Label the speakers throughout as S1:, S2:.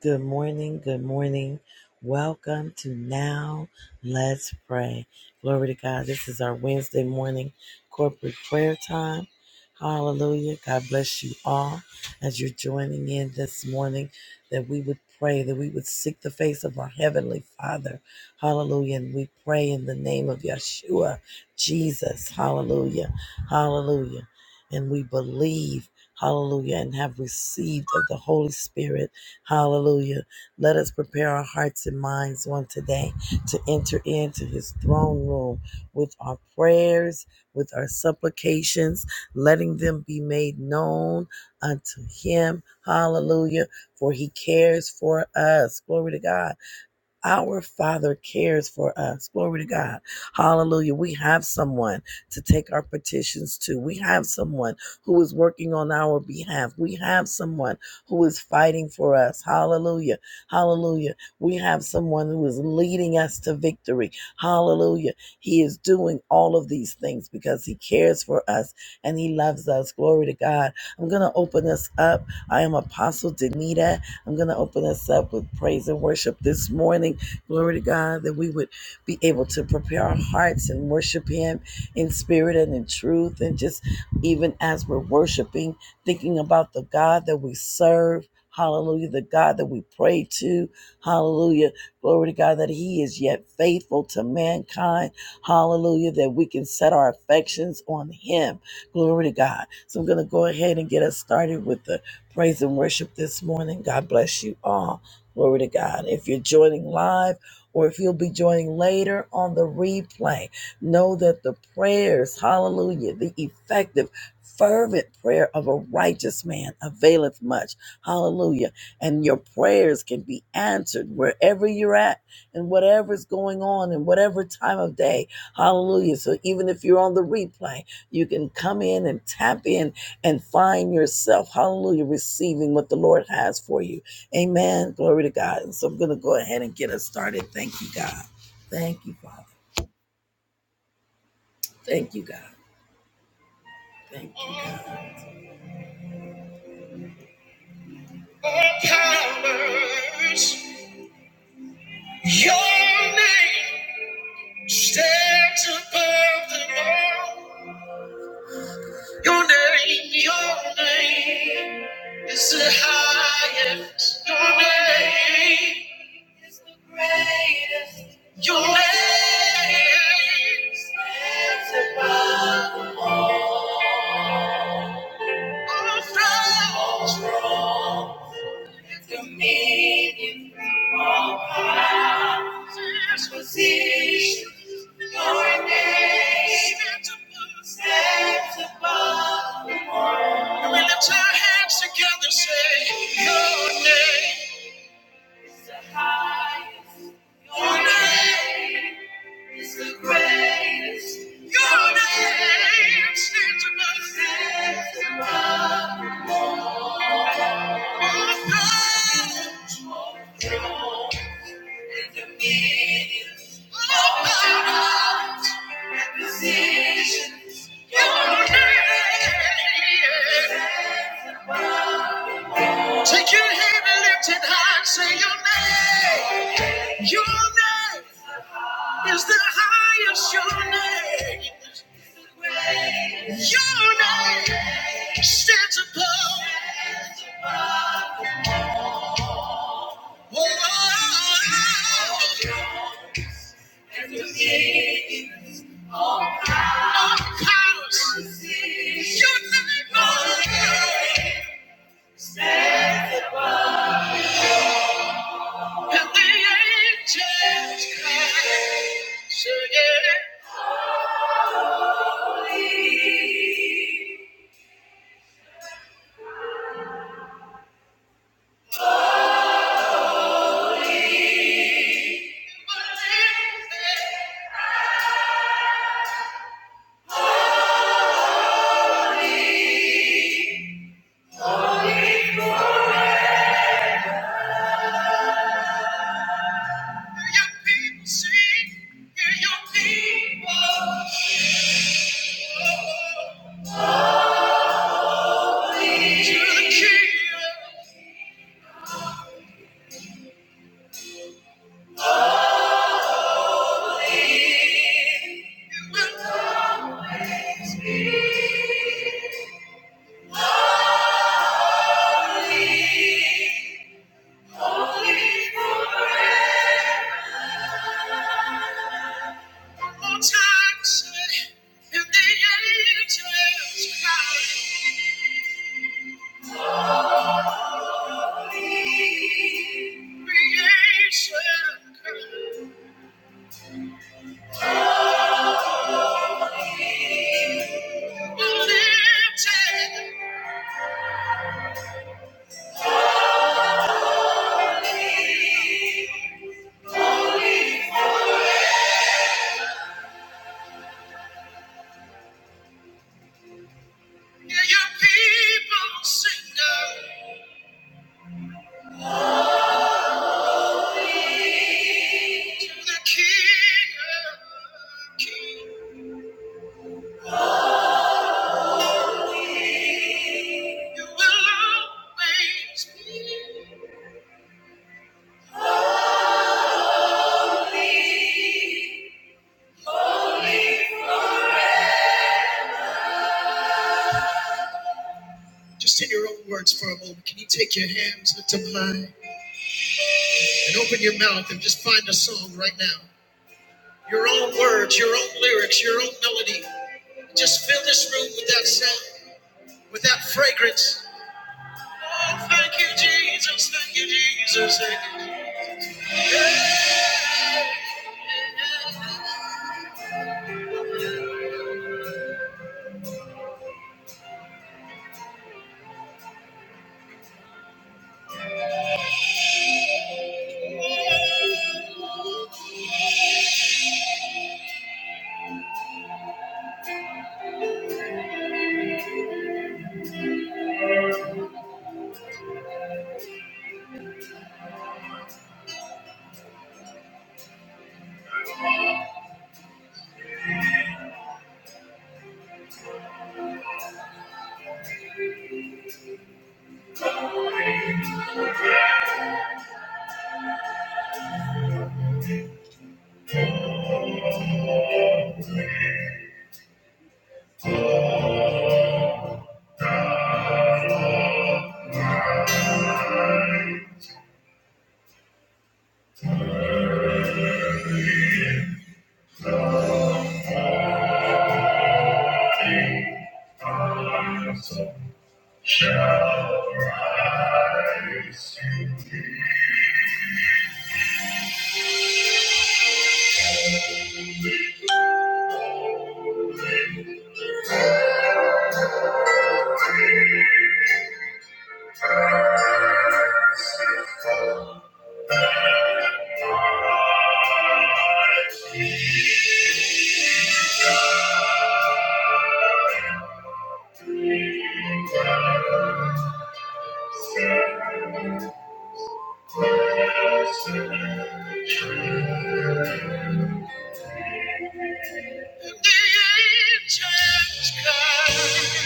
S1: Good morning. Good morning. Welcome to Now Let's Pray. Glory to God. This is our Wednesday morning corporate prayer time. Hallelujah. God bless you all as you're joining in this morning that we would pray, that we would seek the face of our Heavenly Father. Hallelujah. And we pray in the name of Yeshua, Jesus. Hallelujah. Hallelujah. And we believe, hallelujah, and have received of the Holy Spirit Hallelujah. Let us prepare our hearts and minds on today to enter into his throne room with our prayers, with our supplications, letting them be made known unto him. Hallelujah. For he cares for us. Glory to God. Our Father cares for us. Glory to God. Hallelujah. We have someone to take our petitions to. We have someone who is working on our behalf. We have someone who is fighting for us. Hallelujah. Hallelujah. We have someone who is leading us to victory. Hallelujah. He is doing all of these things because he cares for us and he loves us. Glory to God. I'm going to open us up. I am Apostle Danita. I'm going to open us up with praise and worship this morning. Glory to God that we would be able to prepare our hearts and worship Him in spirit and in truth. And just even as we're worshiping, thinking about the God that we serve. Hallelujah. The God that we pray to. Hallelujah. Glory to God that He is yet faithful to mankind. Hallelujah. That we can set our affections on Him. Glory to God. So I'm going to go ahead and get us started with the praise and worship this morning. God bless you all. Glory to God. If you're joining live, or if you'll be joining later on the replay, know that the prayers, hallelujah, the effective, fervent prayer of a righteous man availeth much. Hallelujah. And your prayers can be answered wherever you're at and whatever's going on and whatever time of day. Hallelujah. So even if you're on the replay, you can come in and tap in and find yourself, hallelujah, receiving what the Lord has for you. Amen. Glory to God. And so I'm going to go ahead and get us started. Thank you, God. Thank you, Father. Thank you, God. Thank you. powers, your name stands above them all. Your name, your name is the highest. Your name is the greatest. Your name stands above them all. All dominion, position. Your name is is name. name name We lift our hands together, say Your Your Your the the highest. Your name is the greatest. Your name stands above. Stands above. Take your hand and lift it high and say your name. Your name is the highest. Your name. Your name stands above. To the king. King of kings, you will always be. Just in your own words for a moment, can you take your hands, lift them high, and open your mouth and just find a song right now? Your own words, your own lyrics, your own melody. Just fill this room with that sound, with that fragrance. Oh, thank you, Jesus, thank you, Jesus. Thank you. And the angels cry,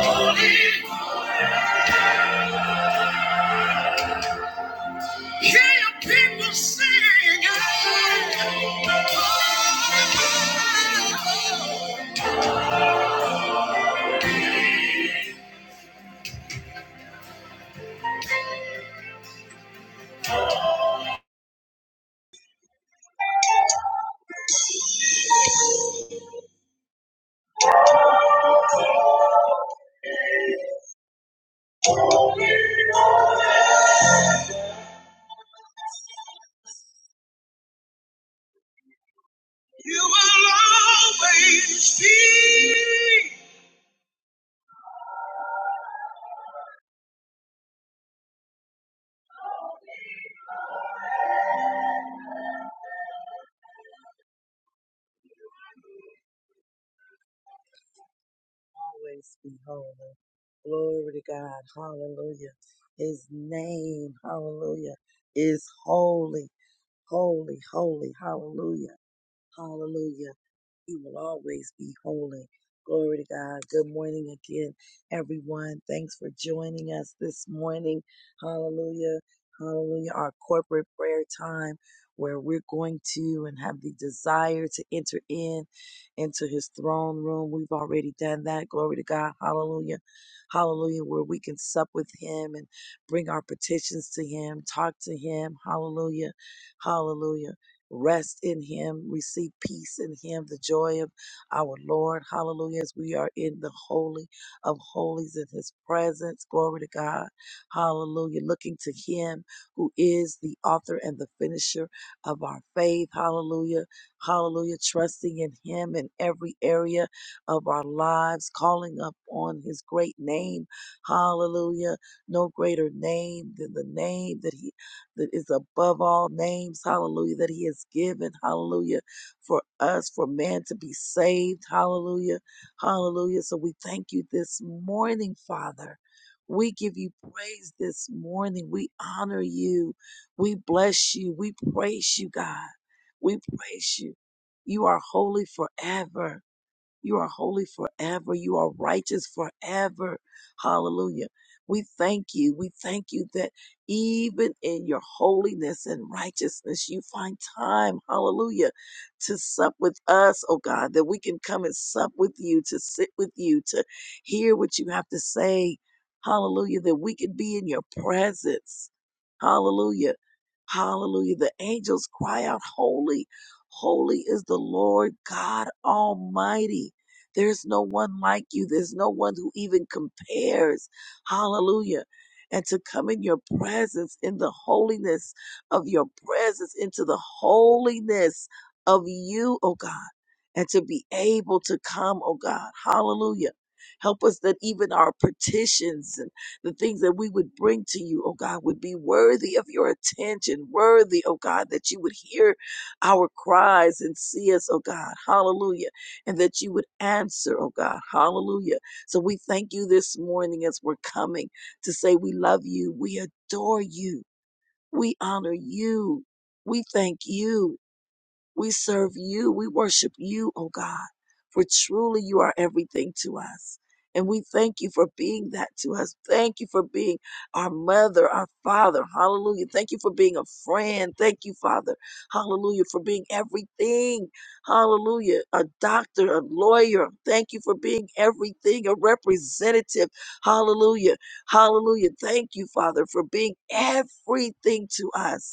S1: holy. Hear your people sing. Oh, oh, oh, oh. You will always be. always be holy. Glory to God. Hallelujah. His name, hallelujah, is holy, holy, holy. Hallelujah. Hallelujah. He will always be holy. Glory to God. Good morning again, everyone. Thanks for joining us this morning. Hallelujah. Hallelujah. Our corporate prayer time where we're going to and have the desire to enter in into his throne room. We've already done that. Glory to God. Hallelujah. Hallelujah. Where we can sup with him and bring our petitions to him, talk to him. Hallelujah. Hallelujah. Rest in Him. Receive peace in Him, the joy of our Lord. Hallelujah. As we are in the Holy of Holies in His presence. Glory to God. Hallelujah. Looking to Him who is the author and the finisher of our faith. Hallelujah. Hallelujah. Trusting in Him in every area of our lives, calling up on His great name. Hallelujah. No greater name than the name that He that is above all names, hallelujah, that he has given, hallelujah, for us, for man to be saved, hallelujah, hallelujah. So we thank you this morning, Father. We give you praise this morning. We honor you. We bless you. We praise you, God. We praise you. You are holy forever. You are holy forever. You are righteous forever. Hallelujah. We thank you. We thank you that even in your holiness and righteousness, you find time, hallelujah, to sup with us, oh God, that we can come and sup with you, to sit with you, to hear what you have to say. Hallelujah, that we can be in your presence. Hallelujah. Hallelujah. The angels cry out, Holy, holy is the Lord God Almighty. There is no one like you. There's no one who even compares. Hallelujah. And to come in your presence, in the holiness of your presence, into the holiness of you, oh God, and to be able to come, oh God. Hallelujah. Help us that even our petitions and the things that we would bring to you, oh God, would be worthy of your attention, worthy, oh God, that you would hear our cries and see us, oh God. Hallelujah and that you would answer, oh God. Hallelujah. So we thank you this morning as we're coming to say we love you, we adore you, we honor you, we thank you. We serve you. We worship you, oh God, for truly you are everything to us. And we thank you for being that to us. Thank you for being our mother, our father. Hallelujah. Thank you for being a friend. Thank you, Father. Hallelujah. For being everything. Hallelujah. A doctor, a lawyer. Thank you for being everything, a representative. Hallelujah. Hallelujah. Thank you, Father, for being everything to us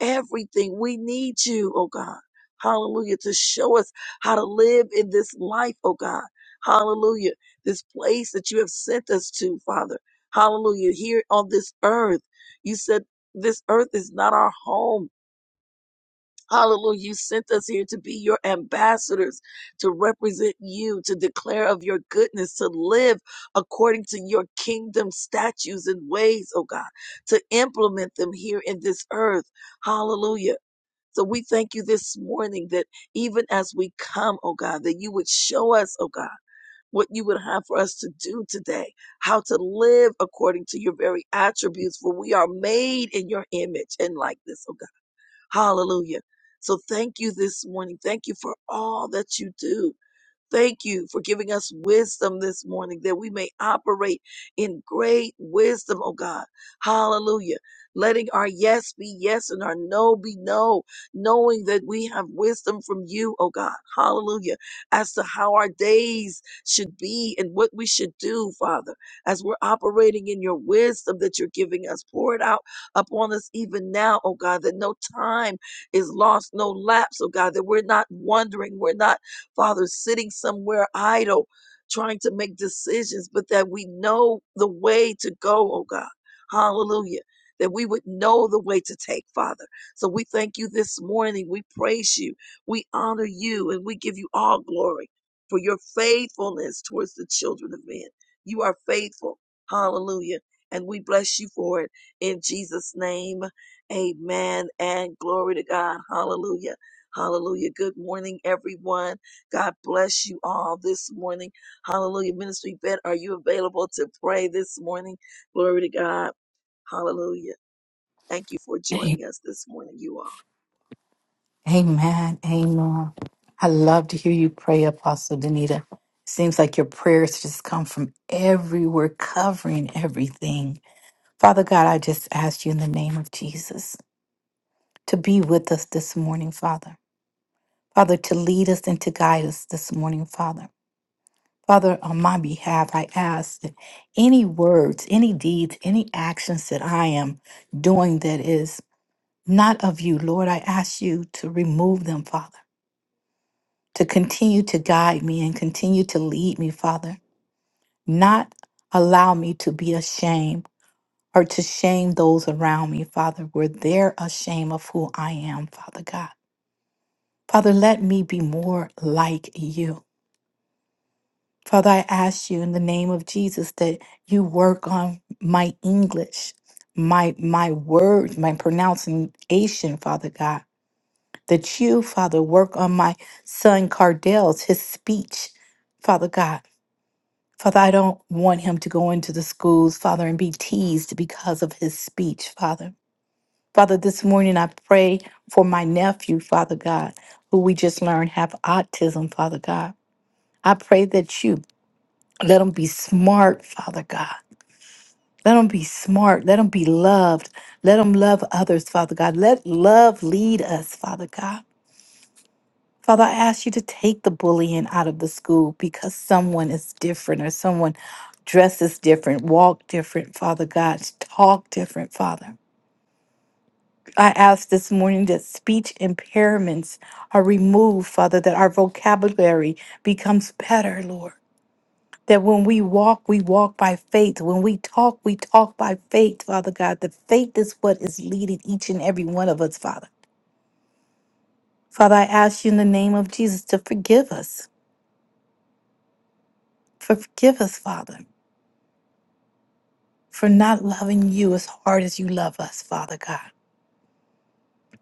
S1: everything. We need you, oh God. Hallelujah. To show us how to live in this life, oh God. Hallelujah. This place that you have sent us to, Father. Hallelujah. Here on this earth, you said this earth is not our home. Hallelujah. You sent us here to be your ambassadors, to represent you, to declare of your goodness, to live according to your kingdom statutes and ways, oh God, to implement them here in this earth. Hallelujah. So we thank you this morning that even as we come, oh God, that you would show us, oh God, what you would have for us to do today, how to live according to your very attributes, for we are made in your image and likeness, oh God. Hallelujah. So thank you this morning. Thank you for all that you do. Thank you for giving us wisdom this morning that we may operate in great wisdom, oh God. Hallelujah. Letting our yes be yes and our no be no, knowing that we have wisdom from you, oh God. Hallelujah. As to how our days should be and what we should do, Father, as we're operating in your wisdom that you're giving us. Pour it out upon us even now, oh God, that no time is lost, no lapse, oh God, that we're not wondering, we're not Father, sitting somewhere idle, trying to make decisions, but that we know the way to go, oh God. Hallelujah. That we would know the way to take, Father. So we thank you this morning. We praise you. We honor you and we give you all glory for your faithfulness towards the children of men. You are faithful. Hallelujah. And we bless you for it in Jesus' name. Amen. And glory to God. Hallelujah. Hallelujah. Good morning, everyone. God bless you all this morning. Hallelujah. Ministry vet, are you available to pray this morning? Glory to God. Hallelujah. Thank you for joining
S2: A-
S1: us this morning, you all.
S2: Amen. Amen. I love to hear you pray, Apostle Danita. Seems like your prayers just come from everywhere, covering everything. Father God, I just ask you in the name of Jesus to be with us this morning, Father. Father, to lead us and to guide us this morning, Father. Father, on my behalf, I ask that any words, any deeds, any actions that I am doing that is not of you, Lord, I ask you to remove them, Father. to continue to guide me and continue to lead me, Father. Not allow me to be ashamed or to shame those around me, Father, where they're ashamed of who I am, Father God. Father, let me be more like you. Father, I ask you in the name of Jesus that you work on my English, my my words, my pronunciation, Father God. That you, Father, work on my son Cardell's his speech, Father God Father, I don't want him to go into the schools, Father, and be teased because of his speech, Father. Father, this morning I pray for my nephew, Father God, who we just learned have autism, Father God. I pray that you let him be smart, Father God. Let him be smart. Let him be loved. Let him love others, Father God. Let love lead us, Father God. Father, I ask you to take the bullying out of the school because someone is different or someone dresses different, walk different, Father God, talk different, Father. I ask this morning that speech impairments are removed, Father, that our vocabulary becomes better, Lord. That when we walk, we walk by faith. When we talk, we talk by faith, Father God. The faith is what is leading each and every one of us, Father. Father, I ask you in the name of Jesus to forgive us. Forgive us, Father. for not loving you as hard as you love us, Father God.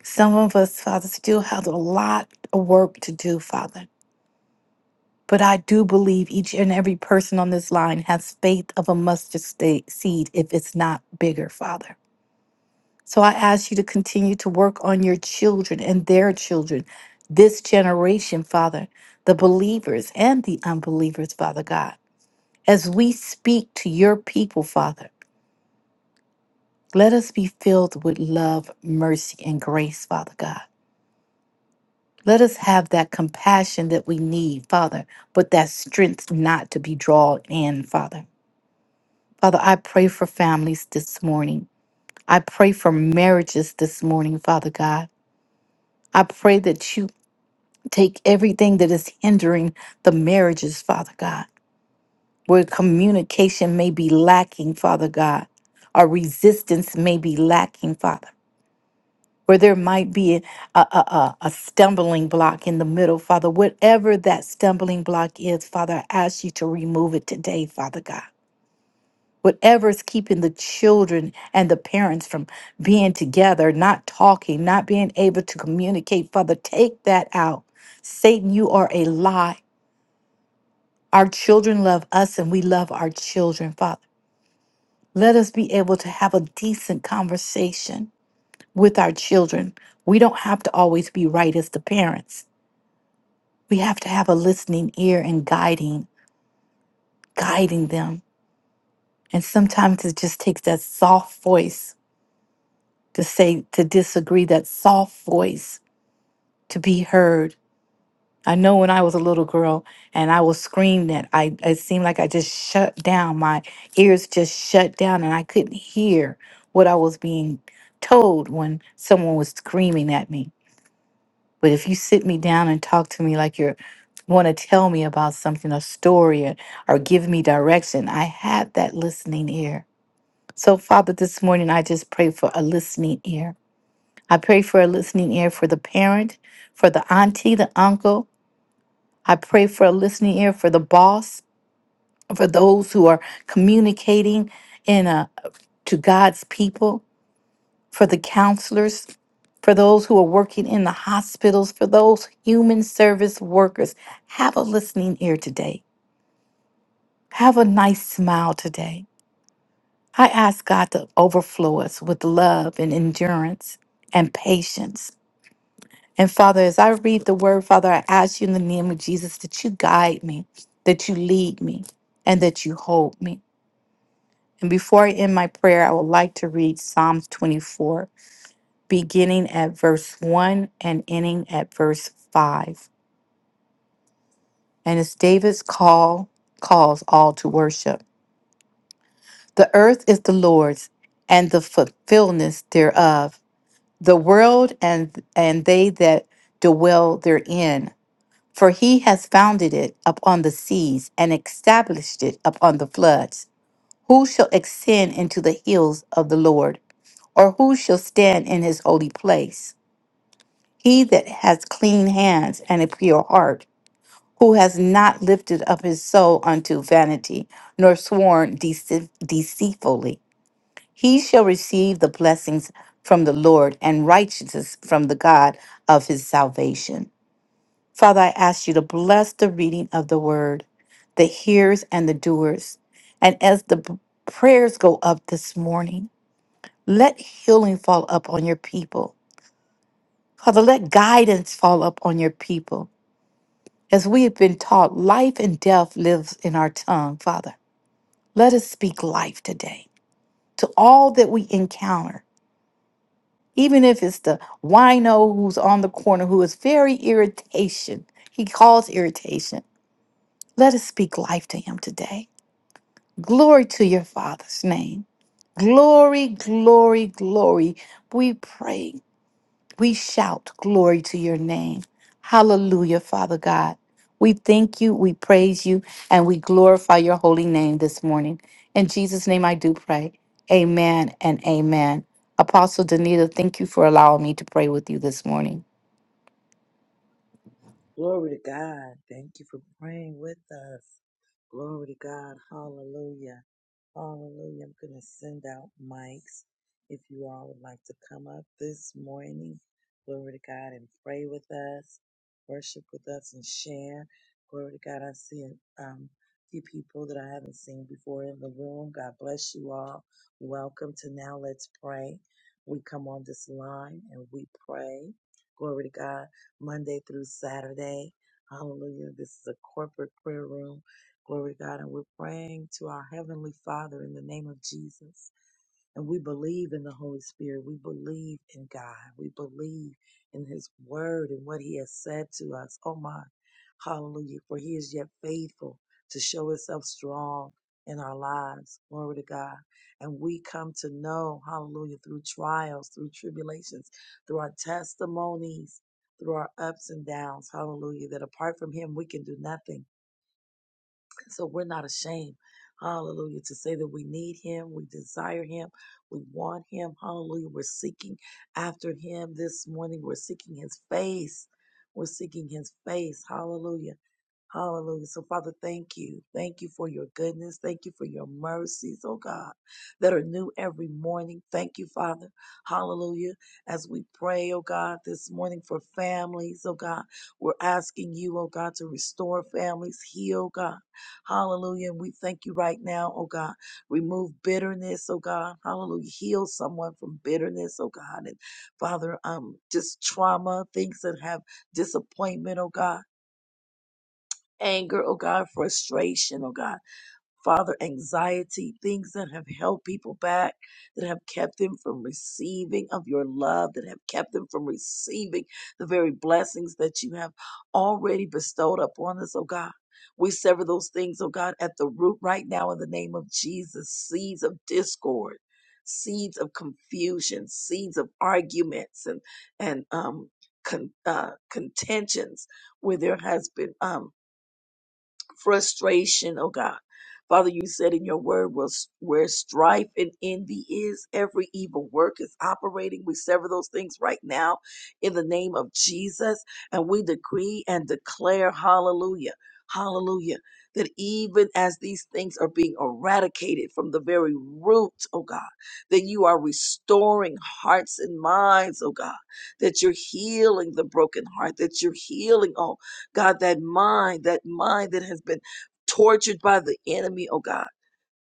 S2: Some of us, Father, still have a lot of work to do, Father. But I do believe each and every person on this line has faith of a mustard sta- seed if it's not bigger, Father. So I ask you to continue to work on your children and their children, this generation, Father, the believers and the unbelievers, Father God, as we speak to your people, Father. Let us be filled with love, mercy, and grace, Father God. Let us have that compassion that we need, Father, but that strength not to be drawn in, Father. Father, I pray for families this morning. I pray for marriages this morning, Father God. I pray that you take everything that is hindering the marriages, Father God, where communication may be lacking, Father God, or resistance may be lacking, Father. where there might be a, a, a, a stumbling block in the middle, Father, whatever that stumbling block is, Father, I ask you to remove it today, Father God. Whatever is keeping the children and the parents from being together, not talking, not being able to communicate, Father, take that out. Satan, you are a lie. Our children love us and we love our children, Father. Let us be able to have a decent conversation with our children. We don't have to always be right as the parents. we have to have a listening ear and guiding guiding them and sometimes it just takes that soft voice to say to disagree that soft voice to be heard i know when i was a little girl and i was screamed at i it seemed like i just shut down my ears just shut down and i couldn't hear what i was being told when someone was screaming at me But if you sit me down and talk to me like you're want to tell me about something, a story, or, or give me direction, I have that listening ear. So, Father, this morning I just pray for a listening ear. I pray for a listening ear for the parent, for the auntie, the uncle. I pray for a listening ear for the boss, for those who are communicating in a to God's people. for the counselors, for those who are working in the hospitals, for those human service workers. Have a listening ear today. Have a nice smile today. I ask God to overflow us with love and endurance and patience. And Father, as I read the word, Father, I ask you in the name of Jesus that you guide me, that you lead me, and that you hold me. And before I end my prayer, I would like to read Psalms 24. beginning at verse 1 and ending at verse 5. And it's David's call calls all to worship. The earth is the Lord's and the fulfillment thereof, the world and and they that dwell therein. For he has founded it upon the seas and established it upon the floods. Who shall ascend into the hills of the Lord, or who shall stand in his holy place? He that has clean hands and a pure heart, who has not lifted up his soul unto vanity, nor sworn deceit- deceitfully, he shall receive the blessings from the Lord and righteousness from the God of his salvation. Father, I ask you to bless the reading of the word, the hearers and the doers. And as the b- prayers go up this morning, let healing fall up on your people. Father, let guidance fall up on your people. As we have been taught, life and death lives in our tongue, Father. Let us speak life today to all that we encounter, even if it's the wino who's on the corner who is very irritation. He calls irritation. Let us speak life to him today. Glory to your Father's name. Glory, glory, glory. We pray We shout glory to your name. Hallelujah, Father God. We thank you, we praise you, and we glorify your holy name this morning. In Jesus' name I do pray. Amen and amen. Apostle Danita, thank you for allowing me to pray with you this morning.
S1: Glory to God. Thank you for praying with us. Glory to God. Hallelujah. Hallelujah. I'm going to send out mics if you all would like to come up this morning. Glory to God and pray with us, worship with us, and share. Glory to God. I see um, a few people that I haven't seen before in the room. God bless you all. Welcome to Now Let's Pray. We come on this line and we pray. Glory to God. Monday through Saturday. Hallelujah. This is a corporate prayer room Glory to God. And we're praying to our Heavenly Father in the name of Jesus. And we believe in the Holy Spirit. We believe in God. We believe in His Word and what He has said to us. Oh my, hallelujah. For He is yet faithful to show Himself strong in our lives. Glory to God. And we come to know, hallelujah, through trials, through tribulations, through our testimonies, through our ups and downs. Hallelujah. That apart from Him, we can do nothing so we're not ashamed, hallelujah, to say that we need him, we desire him, we want him, hallelujah. We're seeking after him this morning. We're seeking his face. We're seeking his face, hallelujah. Hallelujah. So, Father, thank you. Thank you for your goodness. Thank you for your mercies, oh God, that are new every morning. Thank you, Father. Hallelujah. As we pray, oh God, this morning for families, oh God, we're asking you, oh God, to restore families, heal, God. Hallelujah. And we thank you right now, oh God. Remove bitterness, oh God. Hallelujah. Heal someone from bitterness, oh God. And Father, um, just trauma, things that have disappointment, oh God anger, oh God, frustration, oh God, Father, anxiety, things that have held people back, that have kept them from receiving of your love, that have kept them from receiving the very blessings that you have already bestowed upon us, oh God. We sever those things, oh God, at the root right now in the name of Jesus. Seeds of discord, seeds of confusion, seeds of arguments and and um con, uh, contentions where there has been um frustration, oh God. Father, you said in your word was where strife and envy is, every evil work is operating. We sever those things right now in the name of Jesus. And we decree and declare, hallelujah, hallelujah, that even as these things are being eradicated from the very root, oh God, that you are restoring hearts and minds, oh God, that you're healing the broken heart, that you're healing, oh God, that mind, that mind that has been tortured by the enemy, oh God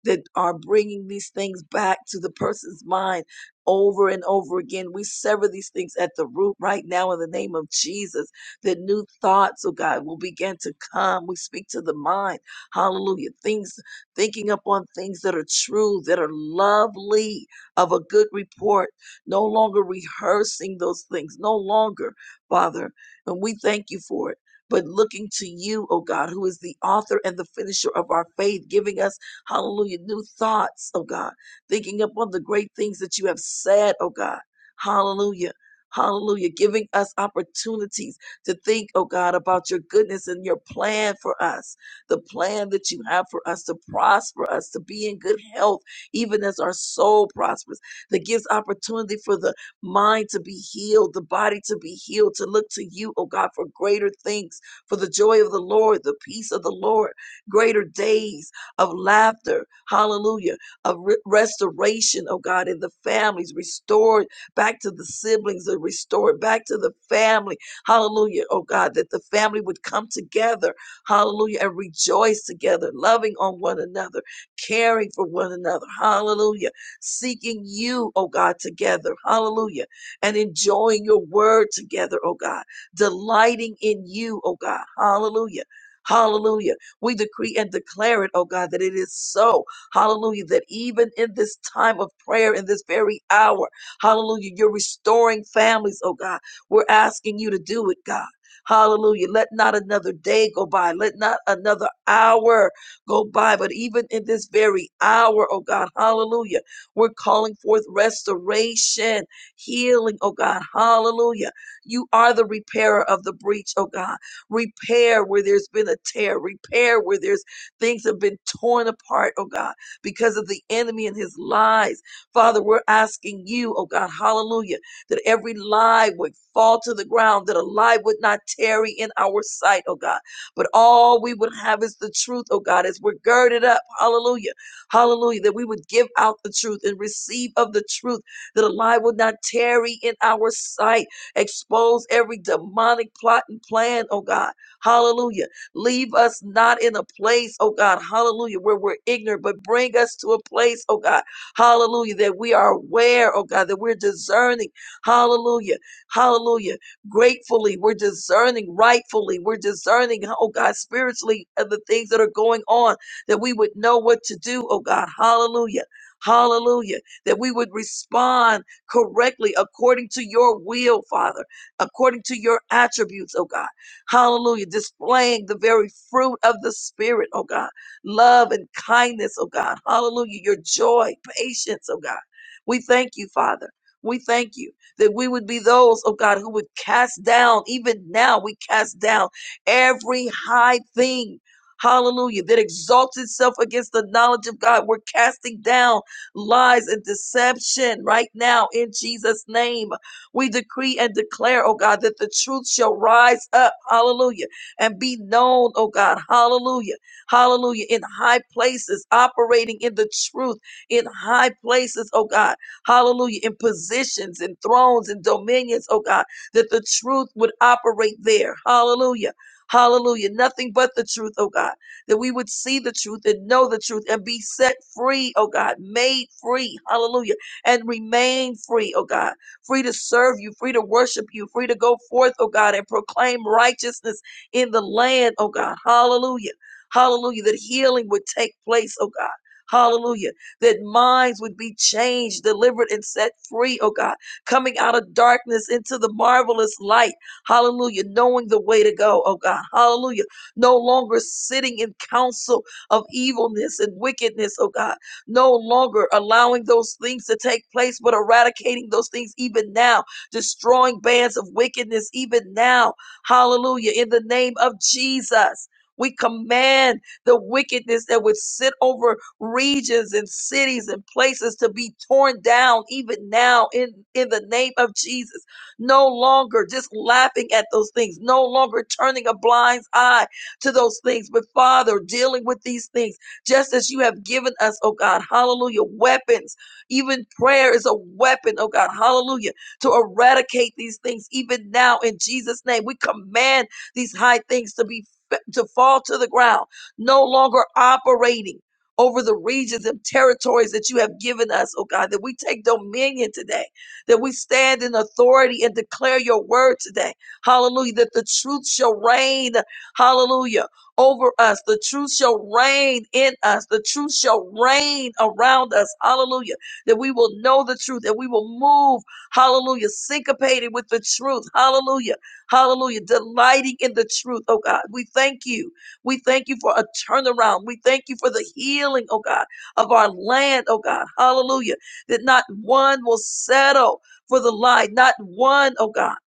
S1: that are bringing these things back to the person's mind over and over again. We sever these things at the root right now in the name of Jesus. That new thoughts, oh God, will begin to come. We speak to the mind. Hallelujah. Things, thinking upon things that are true, that are lovely, of a good report. No longer rehearsing those things. No longer, Father. And we thank you for it. But looking to you, oh God, who is the author and the finisher of our faith, giving us Hallelujah. New thoughts, oh God. Thinking upon the great things that you have said, oh God. Hallelujah. Hallelujah. Giving us opportunities to think, oh God, about your goodness and your plan for us, the plan that you have for us to prosper us, to be in good health, even as our soul prospers, that gives opportunity for the mind to be healed, the body to be healed, to look to you, oh God, for greater things, for the joy of the Lord, the peace of the Lord, greater days of laughter, hallelujah, of re- restoration, oh God, in the families, restored back to the siblings, and restored back to the family, hallelujah, oh God, that the family would come together, hallelujah, and rejoice together, loving on one another, caring for one another, hallelujah, seeking you, oh God, together, hallelujah, and enjoying your word together, oh God, delighting in you, oh God, hallelujah. Hallelujah. We decree and declare it, oh God, that it is so. Hallelujah. That even in this time of prayer, in this very hour, hallelujah, you're restoring families, oh God. We're asking you to do it, God. Hallelujah. Let not another day go by. Let not another hour go by. But even in this very hour, oh God, hallelujah, we're calling forth restoration, healing, oh God, hallelujah. You are the repairer of the breach, oh God. Repair where there's been a tear. Repair where there's things have been torn apart, oh God, because of the enemy and his lies. Father, we're asking you, oh God, hallelujah, that every lie would fall to the ground, that a lie would not tarry in our sight, oh God. But all we would have is the truth, oh God, as we're girded up, hallelujah, hallelujah, that we would give out the truth and receive of the truth, that a lie would not tarry in our sight. Expose every demonic plot and plan, oh God. Hallelujah. Leave us not in a place, oh God, hallelujah, where we're ignorant, but bring us to a place, oh God, hallelujah, that we are aware, oh God, that we're discerning, hallelujah, hallelujah, gratefully, we're discerning rightfully, we're discerning, oh God, spiritually of the things that are going on, that we would know what to do, oh God, hallelujah. Hallelujah. That we would respond correctly according to your will, Father, according to your attributes, oh God. Hallelujah. Displaying the very fruit of the Spirit, oh God. Love and kindness, oh God. Hallelujah. Your joy, patience, oh God. We thank you, Father. We thank you that we would be those, oh God, who would cast down, even now we cast down every high thing, hallelujah, that exalts itself against the knowledge of God. We're casting down lies and deception right now in Jesus' name. We decree and declare, oh God, that the truth shall rise up, hallelujah, and be known, oh God, hallelujah, hallelujah, in high places, operating in the truth, in high places, oh God, hallelujah, in positions and thrones and dominions, oh God, that the truth would operate there, hallelujah, hallelujah, nothing but the truth, oh God that we would see the truth and know the truth and be set free, oh God, made free, hallelujah, and remain free, oh God, free to serve you, free to worship you, free to go forth, oh God, and proclaim righteousness in the land, oh God, hallelujah, hallelujah, that healing would take place, oh God. Hallelujah. That minds would be changed, delivered, and set free, oh God. Coming out of darkness into the marvelous light. Hallelujah. Knowing the way to go, oh God. Hallelujah no longer sitting in counsel of evilness and wickedness, oh God, no longer allowing those things to take place, but eradicating those things even now, destroying bands of wickedness even now. Hallelujah. In the name of Jesus. We command the wickedness that would sit over regions and cities and places to be torn down even now in, in the name of Jesus. No longer just laughing at those things, no longer turning a blind eye, to those things. But Father, dealing with these things, just as you have given us, oh God, hallelujah, weapons. Even prayer is a weapon, oh God, hallelujah, to eradicate these things. Even now, in Jesus' name, we command these high things to be to fall to the ground, no longer operating over the regions and territories that you have given us, oh God, that we take dominion today, that we stand in authority and declare your word today. Hallelujah, that the truth shall reign Hallelujah. Over us. The truth shall reign in us. The truth shall reign around us. Hallelujah. That we will know the truth, that we will move. Hallelujah. Syncopated with the truth. Hallelujah. Hallelujah. Delighting in the truth, oh God. We thank you. We thank you for a turnaround. We thank you for the healing, oh God, of our land, oh God. Hallelujah. That not one will settle for the lie, not one, oh God.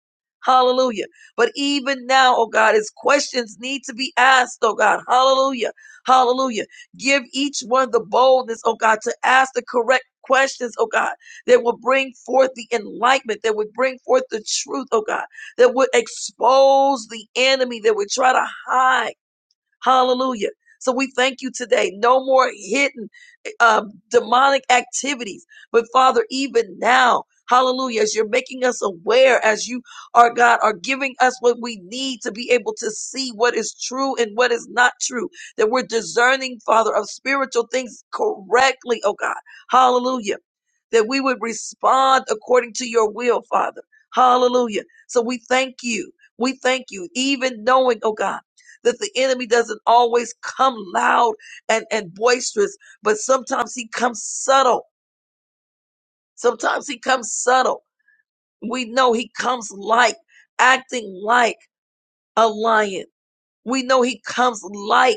S1: Hallelujah but even now, oh God, as questions need to be asked, oh God, hallelujah, hallelujah. Give each one the boldness, oh God, to ask the correct questions, oh God, that will bring forth the enlightenment, that would bring forth the truth, oh God, that would expose the enemy, that would try to hide. Hallelujah. So we thank you today. No more hidden um, demonic activities. But Father, even now, hallelujah, as you're making us aware, as you are God, are giving us what we need to be able to see what is true and what is not true, that we're discerning, Father, of spiritual things correctly, oh God. Hallelujah. That we would respond according to your will, Father. Hallelujah. So we thank you. We thank you, even knowing, oh God that the enemy doesn't always come loud and, and boisterous, but sometimes he comes subtle. Sometimes he comes subtle. We know he comes like acting like a lion. We know he comes like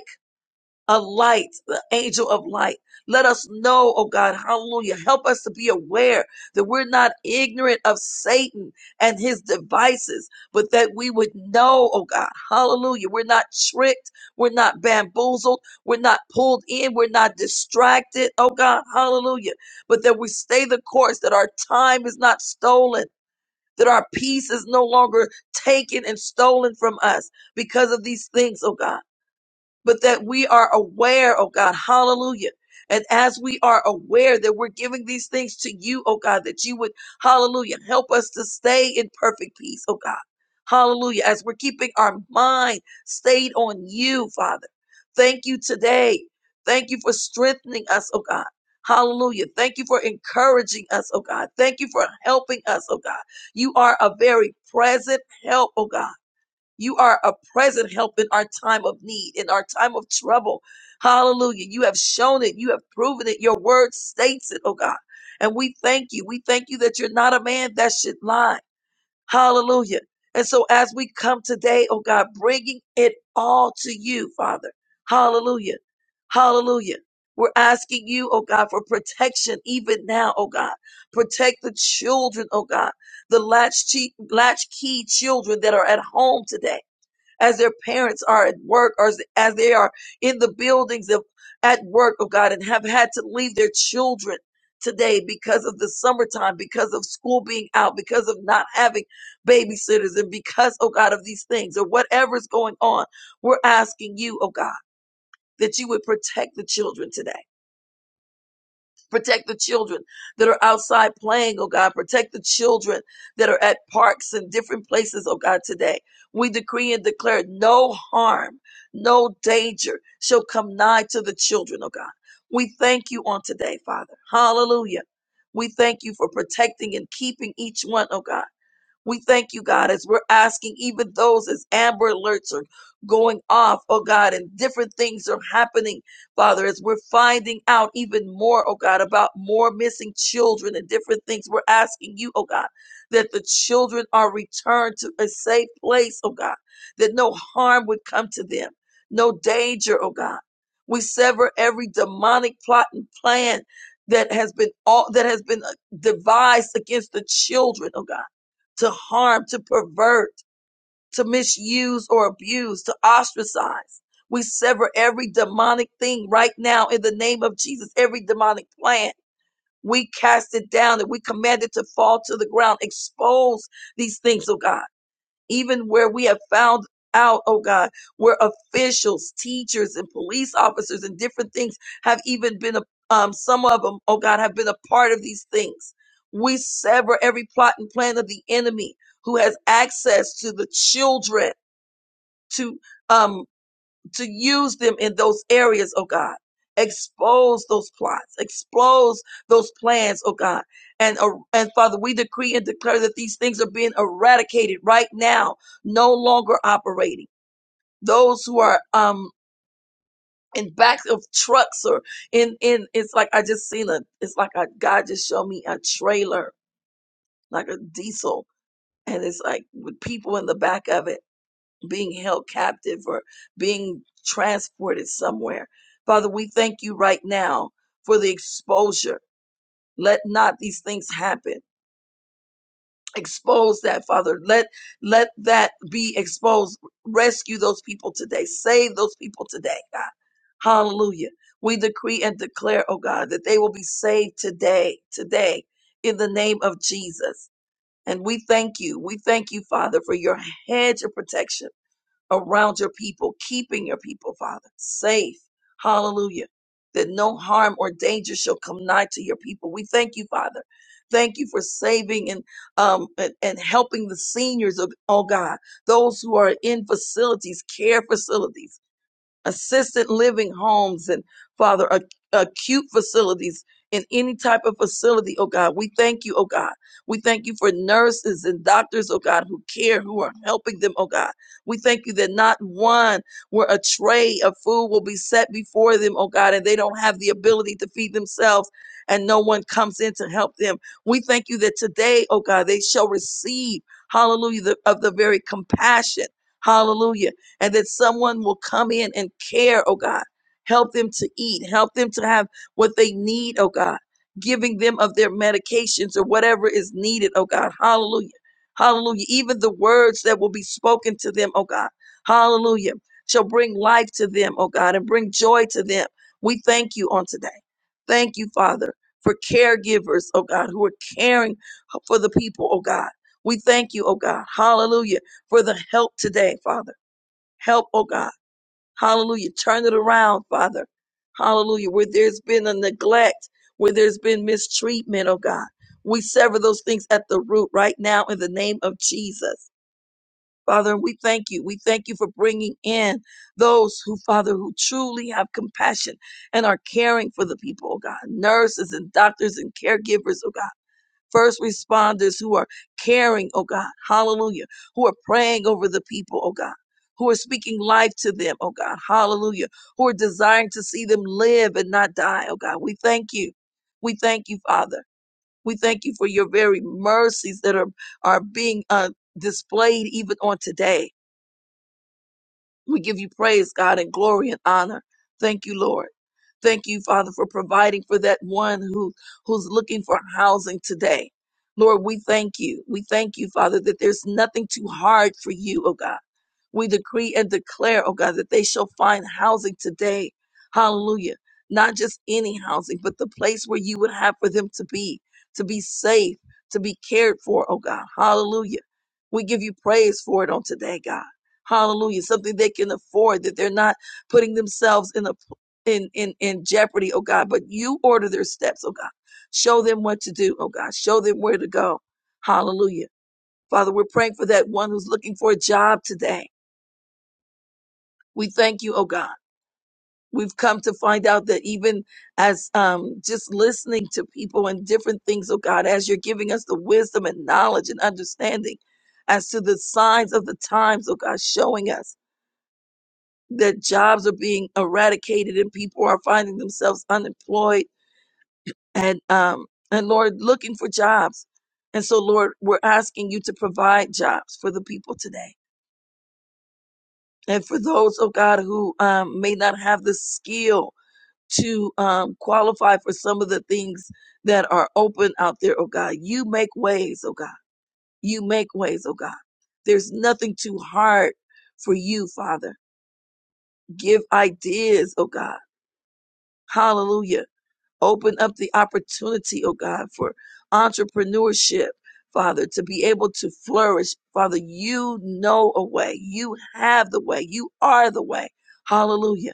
S1: a light, the angel of light. Let us know, oh God, hallelujah. Help us to be aware that we're not ignorant of Satan and his devices, but that we would know, oh God, hallelujah. We're not tricked. We're not bamboozled. We're not pulled in. We're not distracted, oh God, hallelujah. But that we stay the course, that our time is not stolen. That our peace is no longer taken and stolen from us because of these things, oh God but that we are aware, oh God, hallelujah. And as we are aware that we're giving these things to you, oh God, that you would, hallelujah, help us to stay in perfect peace, oh God. Hallelujah. As we're keeping our mind stayed on you, Father. Thank you today. Thank you for strengthening us, oh God. Hallelujah. Thank you for encouraging us, oh God. Thank you for helping us, oh God. You are a very present help, oh God. You are a present help in our time of need, in our time of trouble. Hallelujah. You have shown it. You have proven it. Your word states it, oh God. And we thank you. We thank you that you're not a man that should lie. Hallelujah. And so as we come today, oh God, bringing it all to you, Father. Hallelujah. Hallelujah. We're asking you, oh God, for protection even now, oh God. Protect the children, oh God, the latchkey, latchkey children that are at home today as their parents are at work or as as they are in the buildings of at work, oh God, and have had to leave their children today because of the summertime, because of school being out, because of not having babysitters, and because, oh God, of these things or whatever's going on. We're asking you, oh God, that you would protect the children today Protect the children that are outside playing, oh God. Protect the children that are at parks and different places, oh God, today. We decree and declare no harm, no danger shall come nigh to the children, oh God. We thank you on today, Father. Hallelujah. We thank you for protecting and keeping each one, oh God. We thank you, God, as we're asking even those as Amber Alerts are going off, oh God, and different things are happening, Father, as we're finding out even more, oh God, about more missing children and different things. We're asking you, oh God, that the children are returned to a safe place, oh God, that no harm would come to them, no danger, oh God. We sever every demonic plot and plan that has been all that has been uh, devised against the children, oh God to harm, to pervert, to misuse or abuse, to ostracize. We sever every demonic thing right now in the name of Jesus, every demonic plan. We cast it down and we command it to fall to the ground. Expose these things, oh God even where we have found out, oh God, where officials, teachers, and police officers and different things have even been, a, um, some of them, oh God, have been a part of these things. We sever every plot and plan of the enemy who has access to the children, to, um to use them in those areas, oh God. Expose those plots, expose those plans, oh God. And, uh, and Father, we decree and declare that these things are being eradicated right now, no longer operating. Those who are, um, in back of trucks or in, in, it's like I just seen a, it's like a, God just showed me a trailer, like a diesel. And it's like with people in the back of it being held captive or being transported somewhere. Father, we thank you right now for the exposure. Let not these things happen. Expose that, Father. Let let that be exposed. Rescue those people today. Save those people today, God. Hallelujah. We decree and declare, oh God, that they will be saved today, today, in the name of Jesus. And we thank you. We thank you, Father, for your hedge of protection around your people, keeping your people, Father, safe. Hallelujah. That no harm or danger shall come nigh to your people. We thank you, Father. Thank you for saving and um and, and helping the seniors of oh God, those who are in facilities, care facilities assisted living homes and Father, ac- acute facilities in any type of facility, oh God. We thank you, oh God. We thank you for nurses and doctors, oh God, who care, who are helping them, oh God. We thank you that not one where a tray of food will be set before them, oh God, and they don't have the ability to feed themselves and no one comes in to help them. We thank you that today, oh God, they shall receive, hallelujah, the, of the very compassion. Hallelujah and that someone will come in and care, oh God. Help them to eat, help them to have what they need, oh God. Giving them of their medications or whatever is needed, oh God. Hallelujah. Hallelujah. Even the words that will be spoken to them, oh God. Hallelujah. Shall bring life to them, oh God, and bring joy to them. We thank you on today. Thank you, Father, for caregivers, oh God, who are caring for the people, oh God. We thank you, oh God. Hallelujah. For the help today, Father. Help, oh God. Hallelujah. Turn it around, Father. Hallelujah. Where there's been a neglect, where there's been mistreatment, oh God. We sever those things at the root right now in the name of Jesus. Father, we thank you. We thank you for bringing in those who, Father, who truly have compassion and are caring for the people, oh God. Nurses and doctors and caregivers, oh God first responders who are caring, oh God, hallelujah, who are praying over the people, oh God, who are speaking life to them, oh God, hallelujah, who are desiring to see them live and not die, oh God. We thank you. We thank you, Father. We thank you for your very mercies that are, are being uh, displayed even on today. We give you praise, God, and glory and honor. Thank you, Lord. Thank you, Father, for providing for that one who, who's looking for housing today. Lord, we thank you. We thank you, Father, that there's nothing too hard for you, oh God. We decree and declare, oh God, that they shall find housing today. Hallelujah. Not just any housing, but the place where you would have for them to be, to be safe, to be cared for, oh God. Hallelujah. We give you praise for it on today, God. Hallelujah. Something they can afford, that they're not putting themselves in a in, in, in jeopardy, oh God, but you order their steps, oh God. Show them what to do, oh God. Show them where to go. Hallelujah. Father, we're praying for that one who's looking for a job today. We thank you, oh God. We've come to find out that even as um, just listening to people and different things, oh God, as you're giving us the wisdom and knowledge and understanding as to the signs of the times, oh God, showing us that jobs are being eradicated and people are finding themselves unemployed and um, and Lord looking for jobs. And so, Lord, we're asking you to provide jobs for the people today and for those, oh God, who um, may not have the skill to um, qualify for some of the things that are open out there, oh God. You make ways, oh God. You make ways, oh God. There's nothing too hard for you, Father. Give ideas, oh God. Hallelujah. Open up the opportunity, oh God, for entrepreneurship, Father, to be able to flourish. Father, you know a way. You have the way. You are the way. Hallelujah.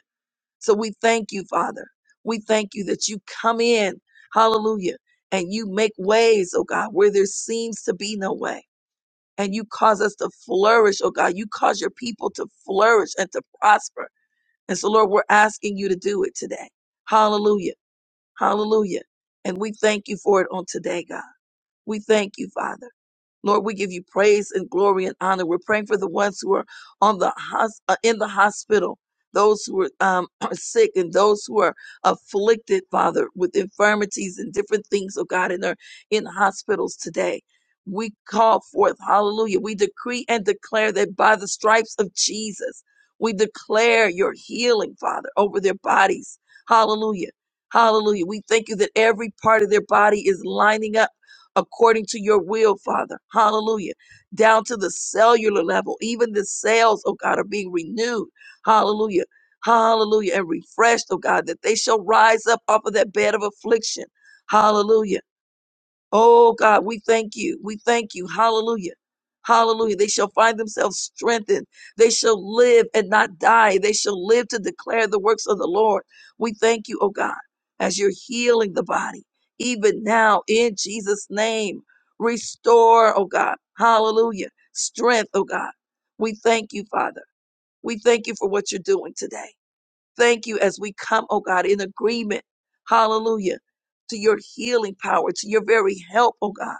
S1: So we thank you, Father. We thank you that you come in, hallelujah, and you make ways, oh God, where there seems to be no way. And you cause us to flourish, oh God. You cause your people to flourish and to prosper. And so, Lord, we're asking you to do it today. Hallelujah. Hallelujah. And we thank you for it on today, God. We thank you, Father. Lord, we give you praise and glory and honor. We're praying for the ones who are on the hos- uh, in the hospital, those who are, um, are sick, and those who are afflicted, Father, with infirmities and different things, oh God, and are in hospitals today. We call forth, hallelujah. We decree and declare that by the stripes of Jesus, we declare your healing, Father, over their bodies. Hallelujah. Hallelujah. We thank you that every part of their body is lining up according to your will, Father. Hallelujah. Down to the cellular level, even the cells, oh God, are being renewed. Hallelujah. Hallelujah. And refreshed, oh God, that they shall rise up off of that bed of affliction. Hallelujah Oh God, we thank you. We thank you. Hallelujah. Hallelujah. They shall find themselves strengthened. They shall live and not die. They shall live to declare the works of the Lord. We thank you, oh God, as you're healing the body, even now in Jesus' name. Restore, oh God. Hallelujah. Strength, oh God. We thank you, Father. We thank you for what you're doing today. Thank you as we come, oh God, in agreement. Hallelujah. To your healing power, to your very help, oh God.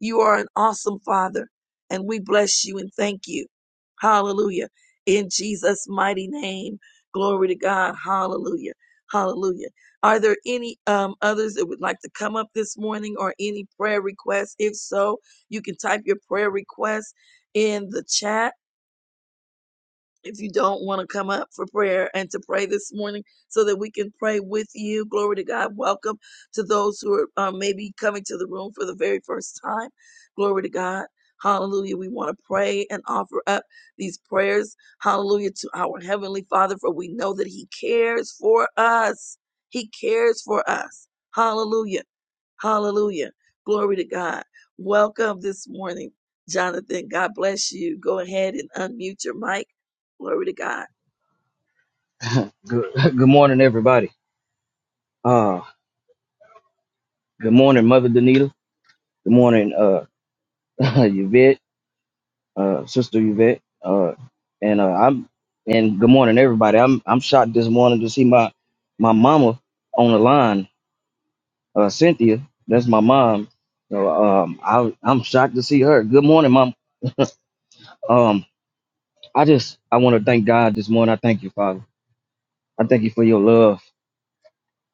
S1: You are an awesome Father, and we bless you and thank you. Hallelujah. In Jesus' mighty name. Glory to God. Hallelujah. Hallelujah. Are there any um, others that would like to come up this morning or any prayer requests? If so, you can type your prayer request in the chat if you don't want to come up for prayer and to pray this morning so that we can pray with you. Glory to God. Welcome to those who are uh, maybe coming to the room for the very first time. Glory to God. Hallelujah. We want to pray and offer up these prayers. Hallelujah to our Heavenly Father, for we know that He cares for us. He cares for us. Hallelujah. Hallelujah. Glory to God. Welcome this morning, Jonathan. God bless you. Go ahead and unmute your mic. Glory to God.
S3: good, good morning, everybody. Uh, good morning, Mother Danita. Good morning, uh, Yvette, uh, Sister Yvette, uh, and uh, I'm and good morning, everybody. I'm I'm shocked this morning to see my my mama on the line, uh, Cynthia. That's my mom. So um, I I'm shocked to see her. Good morning, mom. Um, I just I want to thank God this morning. I thank you, Father. I thank you for your love.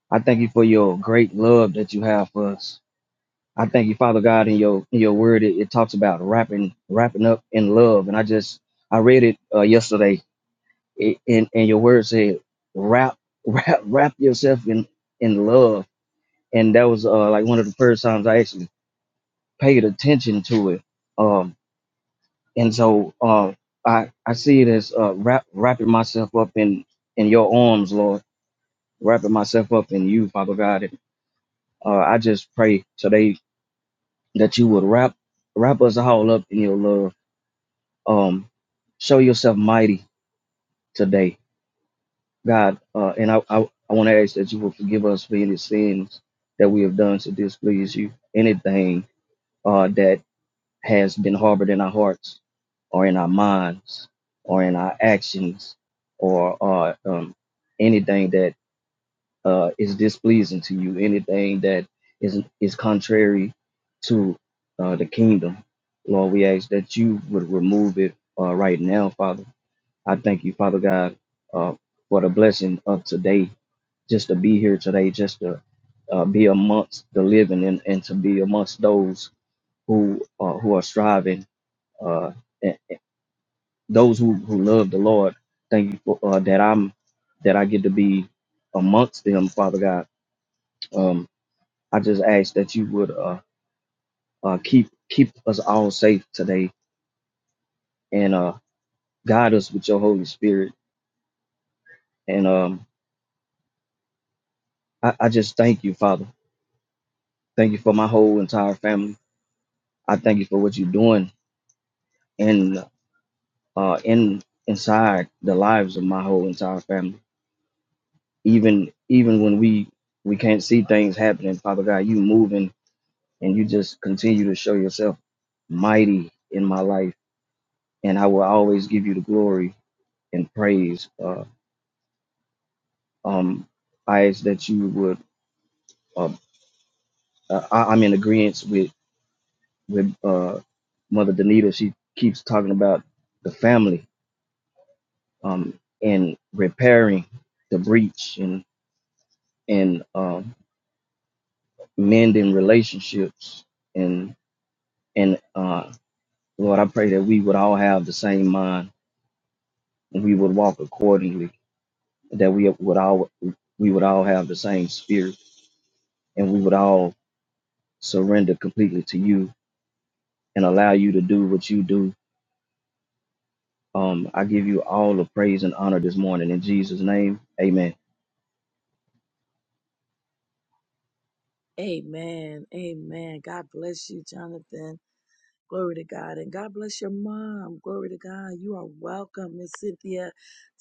S3: I thank you for your great love that you have for us. I thank you, Father God, in your in your word. It, it talks about wrapping wrapping up in love, and I just I read it uh, yesterday, i- and and your word said wrap wrap wrap yourself in in love, and that was uh, like one of the first times I actually paid attention to it. Um, and so uh, I I see it as uh, wrap wrapping myself up in in your arms, Lord, wrapping myself up in you, Father God. And, uh, I just pray today that you would wrap wrap us all up in your love Um, show yourself mighty today, God. Uh, and I, I, I want to ask that you will forgive us for any sins that we have done to displease you, anything uh, that has been harbored in our hearts or in our minds or in our actions or uh, um, anything that uh, is displeasing to you, anything that is, is contrary to uh, the kingdom. Lord, we ask that you would remove it uh, right now, Father. I thank you, Father God, uh, for the blessing of today, just to be here today, just to uh, be amongst the living and, and to be amongst those who uh, who are striving, uh, and and those who, who love the Lord. Thank you for uh, that I'm that I get to be amongst them, Father God. Um, I just ask that you would uh, uh, keep keep us all safe today and uh, guide us with your Holy Spirit. And um, I, I just thank you, Father. Thank you for my whole entire family. I thank you for what you're doing in uh in inside the lives of my whole entire family. Even even when we we can't see things happening, Father God, you moving and you just continue to show yourself mighty in my life. And I will always give you the glory and praise. Uh, um, I ask that you would. Uh, uh, I, I'm in agreement with with uh, Mother Danita. She keeps talking about the family um, in repairing the breach and and um, mending relationships and and uh, Lord, I pray that we would all have the same mind and we would walk accordingly. That we would all we would all have the same spirit and we would all surrender completely to you and allow you to do what you do. Um, I give you all the praise and honor this morning in Jesus' name. Amen.
S1: Amen. Amen. God bless you, Jonathan. Glory to God. And God bless your mom. Glory to God. You are welcome, Miss Cynthia,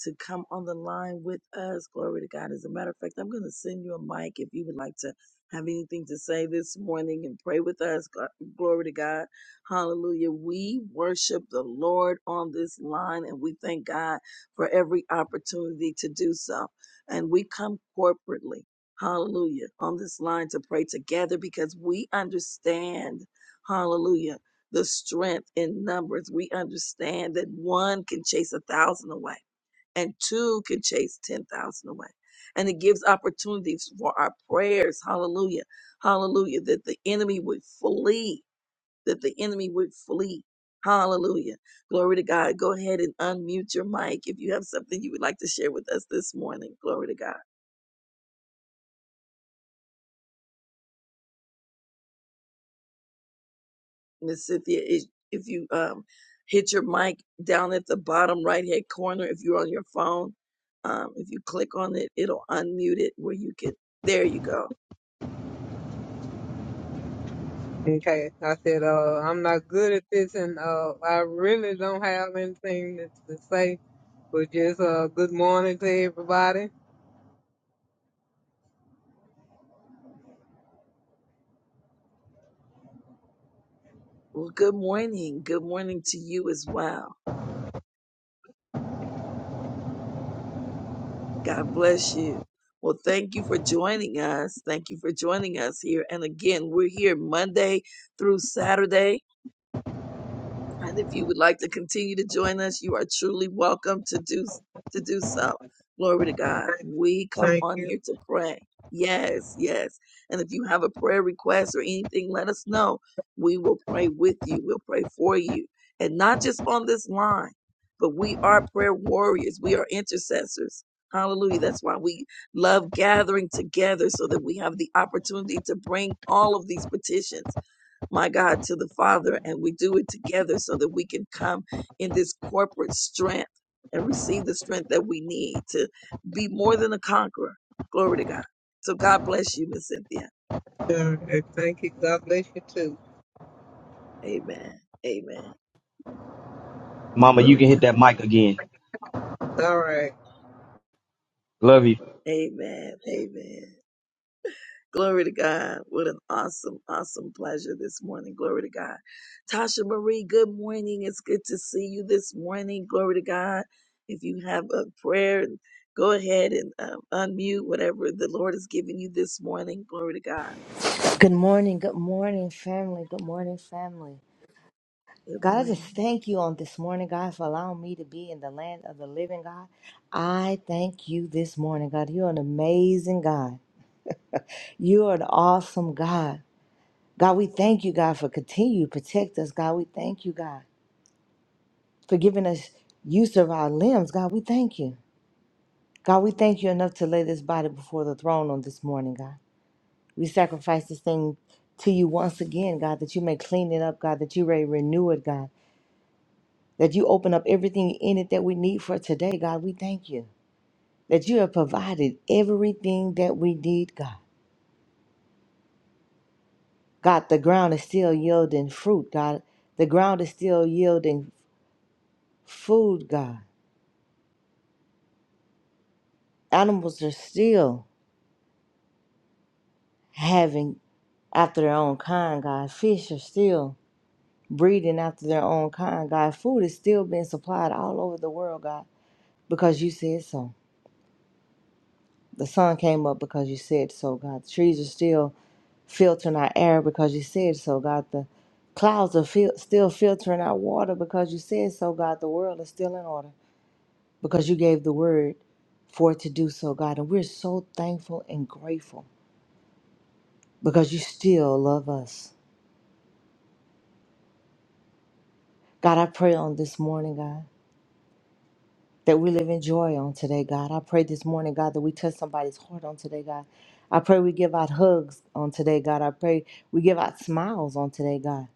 S1: to come on the line with us. Glory to God. As a matter of fact, I'm going to send you a mic if you would like to have anything to say this morning and pray with us. Gl- Glory to God. Hallelujah. We worship the Lord on this line and we thank God for every opportunity to do so. And we come corporately. Hallelujah. On this line to pray together because we understand. Hallelujah the strength in numbers. We understand that one can chase a thousand away and two can chase 10,000 away. And it gives opportunities for our prayers. Hallelujah. Hallelujah. That the enemy would flee, that the enemy would flee. Hallelujah. Glory to God. Go ahead and unmute your mic if you have something you would like to share with us this morning. Glory to God. Miss Cynthia, is if you um, hit your mic down at the bottom right hand corner, if you're on your phone, um, if you click on it, it'll unmute it where you can. There you go.
S4: Okay, I said, uh, I'm not good at this, and uh, I really don't have anything to, to say, but just uh, good morning to everybody.
S1: Well, good morning. Good morning to you as well. God bless you. Well, thank you for joining us. Thank you for joining us here. And again, we're here Monday through Saturday. And if you would like to continue to join us, you are truly welcome to do to do so. Glory to God. We come
S4: Thank
S1: on
S4: you.
S1: here to pray. Yes, yes. And if you have a prayer request or anything, let us know. We will pray with you. We'll pray for you. And not just on this line, but we are prayer warriors. We are intercessors. Hallelujah. That's why we love gathering together so that we have the opportunity to bring all of these petitions my God, to the Father, and we do it together so that we can come in this corporate strength and receive the strength that we need to be more than a conqueror. Glory to God. So God bless you, Miss Cynthia.
S4: Uh, and thank you. God bless you too.
S1: Amen. Amen.
S3: Mama, you
S1: Glory to
S3: can hit that mic again.
S4: All right.
S3: Love you.
S1: God. Amen. Amen. Glory to God. What an awesome, awesome pleasure this morning. Glory to God. Tasha Marie, good morning. It's good to see you this morning. Glory to God. If you have a prayer, go ahead and um, unmute whatever the Lord has given you this morning. Glory to God.
S5: Good morning, good morning, family. Good morning, family.
S1: Good
S5: God, I just
S1: morning.
S5: thank you on this morning, God, for allowing me to be in the land of the living, God. I thank you this morning, God. You're an amazing God. You're an awesome God. God, we thank you, God, for continuing to protect us. God, we thank you, God, for giving us use of our limbs. God, we thank you. God, we thank you enough to lay this body before the throne on this morning, God. We sacrifice this thing to you once again, God, that you may clean it up, God, that you may renew it, God. that you open up everything in it that we need for today, God. We thank you that you have provided everything that we need, God. God, the ground is still yielding fruit, God. The ground is still yielding food, God. Animals are still having after their own kind, God. Fish are still breeding after their own kind, God. Food is still being supplied all over the world, God, because you said so. The sun came up because you said so, God. The trees are still filtering our air because you said so, God. The clouds are fil- still filtering out water because you said so, God. The world is still in order because you gave the word for it to do so, God. And we're so thankful and grateful because you still love us. God, I pray on this morning, God, that we live in joy on today, God. I pray this morning, God, that we touch somebody's heart on today, God. I pray we give out hugs on today, God. I pray we give out smiles on today, God.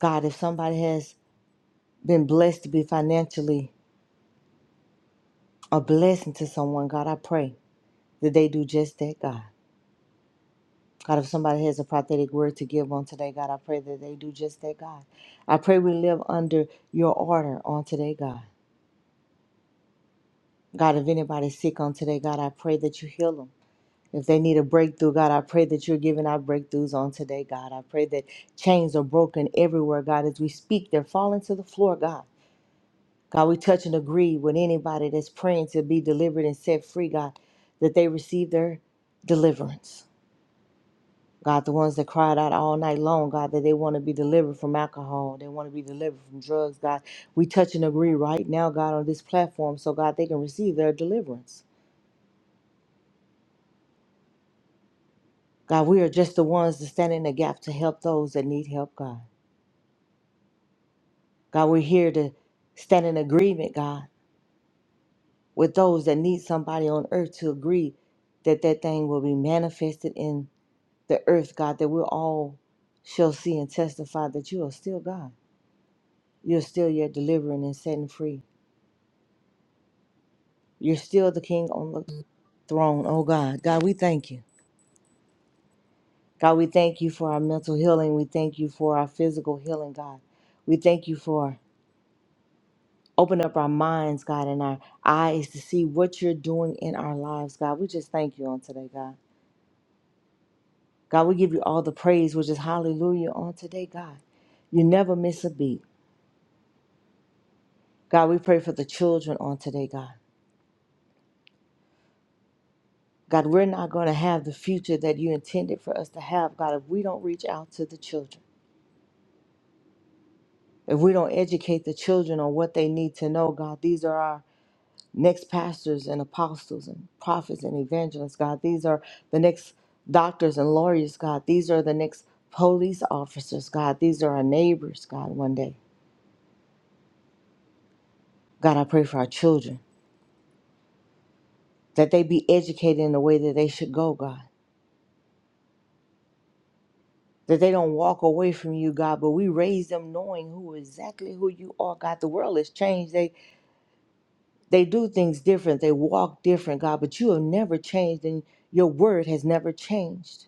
S5: God, if somebody has been blessed to be financially a blessing to someone, God, I pray that they do just that, God. God, if somebody has a prophetic word to give on today, God, I pray that they do just that, God. I pray we live under your order on today, God. God, if anybody's sick on today, God, I pray that you heal them. If they need a breakthrough, God, I pray that you're giving out breakthroughs on today, God. I pray that chains are broken everywhere, God. As we speak, they're falling to the floor, God. God, we touch and agree with anybody that's praying to be delivered and set free, God, that they receive their deliverance. God, the ones that cried out all night long, God, that they want to be delivered from alcohol, they want to be delivered from drugs, God. We touch and agree right now, God, on this platform, so God, they can receive their deliverance. God, we are just the ones that stand in the gap to help those that need help, God. God, we're here to stand in agreement, God, with those that need somebody on earth to agree that that thing will be manifested in the earth, God, that we all shall see and testify that you are still God. You're still yet delivering and setting free. You're still the king on the throne, oh God. God, we thank you. God, we thank you for our mental healing. We thank you for our physical healing, God. We thank you for opening up our minds, God, and our eyes to see what you're doing in our lives, God. We just thank you on today, God. God, we give you all the praise, which is hallelujah on today, God. You never miss a beat. God, we pray for the children on today, God. God, we're not going to have the future that you intended for us to have, God, if we don't reach out to the children. If we don't educate the children on what they need to know, God, these are our next pastors and apostles and prophets and evangelists, God. These are the next doctors and lawyers, God. These are the next police officers, God. These are our neighbors, God, one day. God, I pray for our children that they be educated in the way that they should go, God. That they don't walk away from you, God, but we raise them knowing who exactly who you are, God. The world has changed. They do things different. They walk different, God, but you have never changed and your word has never changed.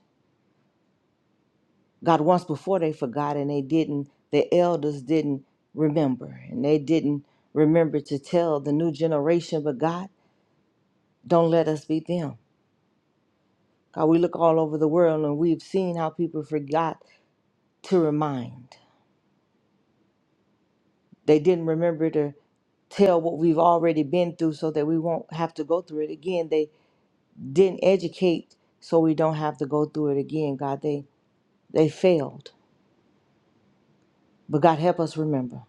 S5: God, once before they forgot and they didn't, the elders didn't remember and they didn't remember to tell the new generation, but God, don't let us be them. God, we look all over the world and we've seen how people forgot to remind. They didn't remember to tell what we've already been through so that we won't have to go through it again. They didn't educate so we don't have to go through it again, God. They They failed. But God help us remember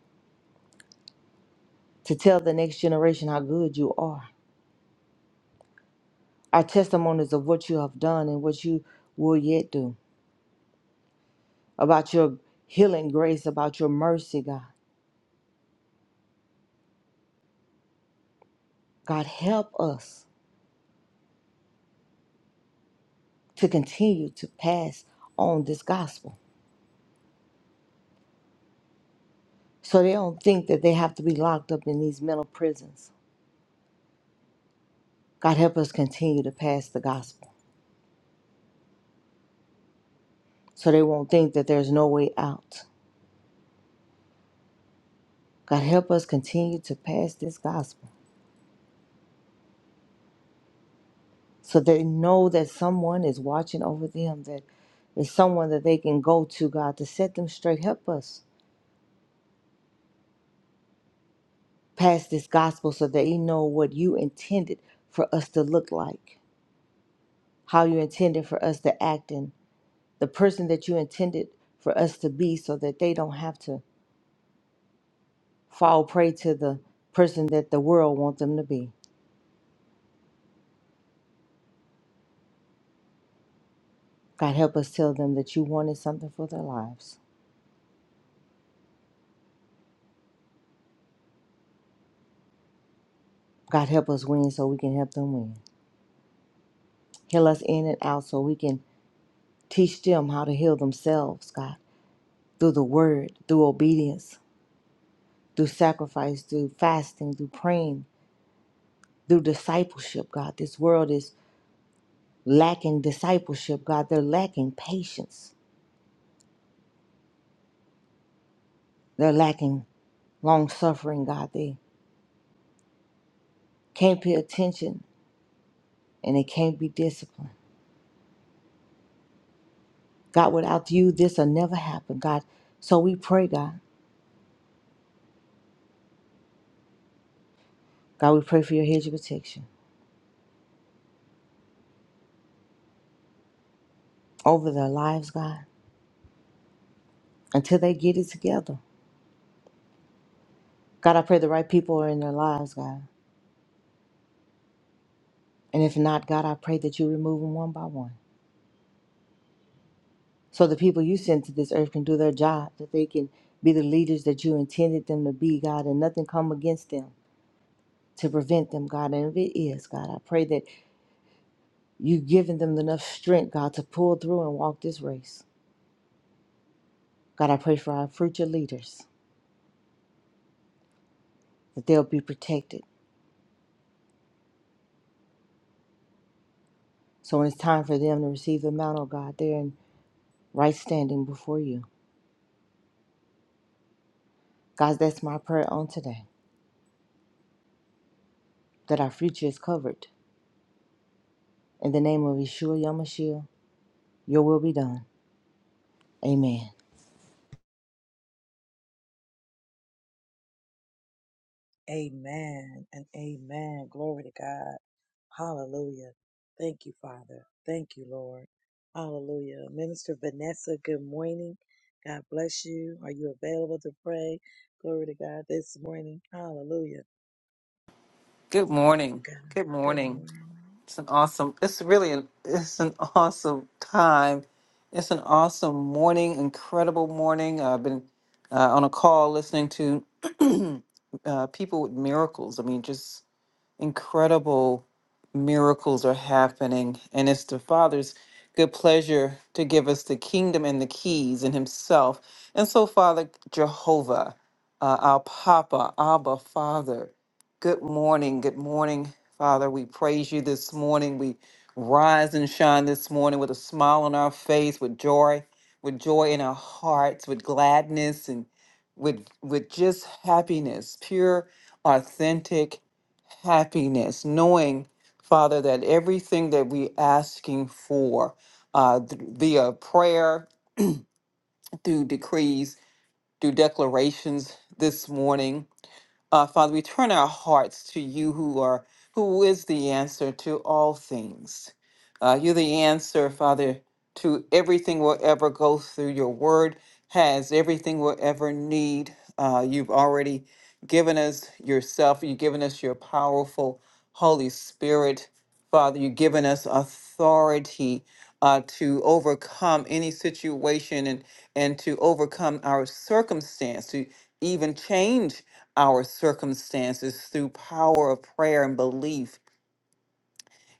S5: to tell the next generation how good you are. Our testimonies of what you have done and what you will yet do. About your healing grace, about your mercy, God. God help us to continue to pass on this gospel. So they don't think that they have to be locked up in these mental prisons. God help us continue to pass the gospel. So they won't think that there's no way out. God help us continue to pass this gospel so they know that someone is watching over them that is someone that they can go to god to set them straight help us pass this gospel so they know what you intended for us to look like how you intended for us to act and the person that you intended for us to be so that they don't have to fall prey to the person that the world wants them to be god help us tell them that you wanted something for their lives god help us win so we can help them win heal us in and out so we can Teach them how to heal themselves, God, through the word, through obedience, through sacrifice, through fasting, through praying, through discipleship, God. This world is lacking discipleship, God. They're lacking patience. They're lacking long suffering, God. They can't pay attention and they can't be disciplined. God, without you, this will never happen, God. So we pray, God. God, we pray for your hedge of protection over their lives, God, until they get it together. God, I pray the right people are in their lives, God. And if not, God, I pray that you remove them one by one. So the people you send to this earth can do their job, that they can be the leaders that you intended them to be, God, and nothing come against them to prevent them, God. And if it is, God, I pray that you've given them enough strength, God, to pull through and walk this race. God, I pray for our future leaders, that they'll be protected. So when it's time for them to receive the mantle, God, they're in right standing before you. God, that's my prayer on today, that our future is covered. In the name of Yeshua Yamashiach. Your will be done. Amen.
S1: Amen and amen. Glory to God. Hallelujah. Thank you, Father. Thank you, Lord. Hallelujah. Minister Vanessa, good morning. God bless you. Are you available to pray? Glory to God this morning. Hallelujah.
S6: Good
S1: Thank you,
S6: morning.
S1: God.
S6: Good
S1: Good
S6: morning.
S1: morning.
S6: It's an awesome. It's really an. It's an awesome time. It's an awesome morning. Incredible morning. Uh, I've been uh, on a call listening to uh, people with miracles. I mean, just incredible miracles are happening. And it's the Father's good pleasure to give us the kingdom and the keys and Himself. And so, Father Jehovah, uh, our Papa, Abba, Father, good morning. Good morning, Father. We praise you this morning. We rise and shine this morning with a smile on our face, with joy, with joy in our hearts, with gladness and with with just happiness, pure, authentic happiness, knowing, Father, that everything that we asking for uh, th- via prayer, through decrees, through declarations this morning, uh, Father, we turn our hearts to you who are who is the answer to all things. Uh, you're the answer, Father, to everything we'll ever go through. Your word has everything we'll ever need. Uh, you've already given us yourself. You've given us your powerful Holy Spirit. Father, you've given us authority uh, to overcome any situation and, and to overcome our circumstance, to even change our circumstances through power of prayer and belief.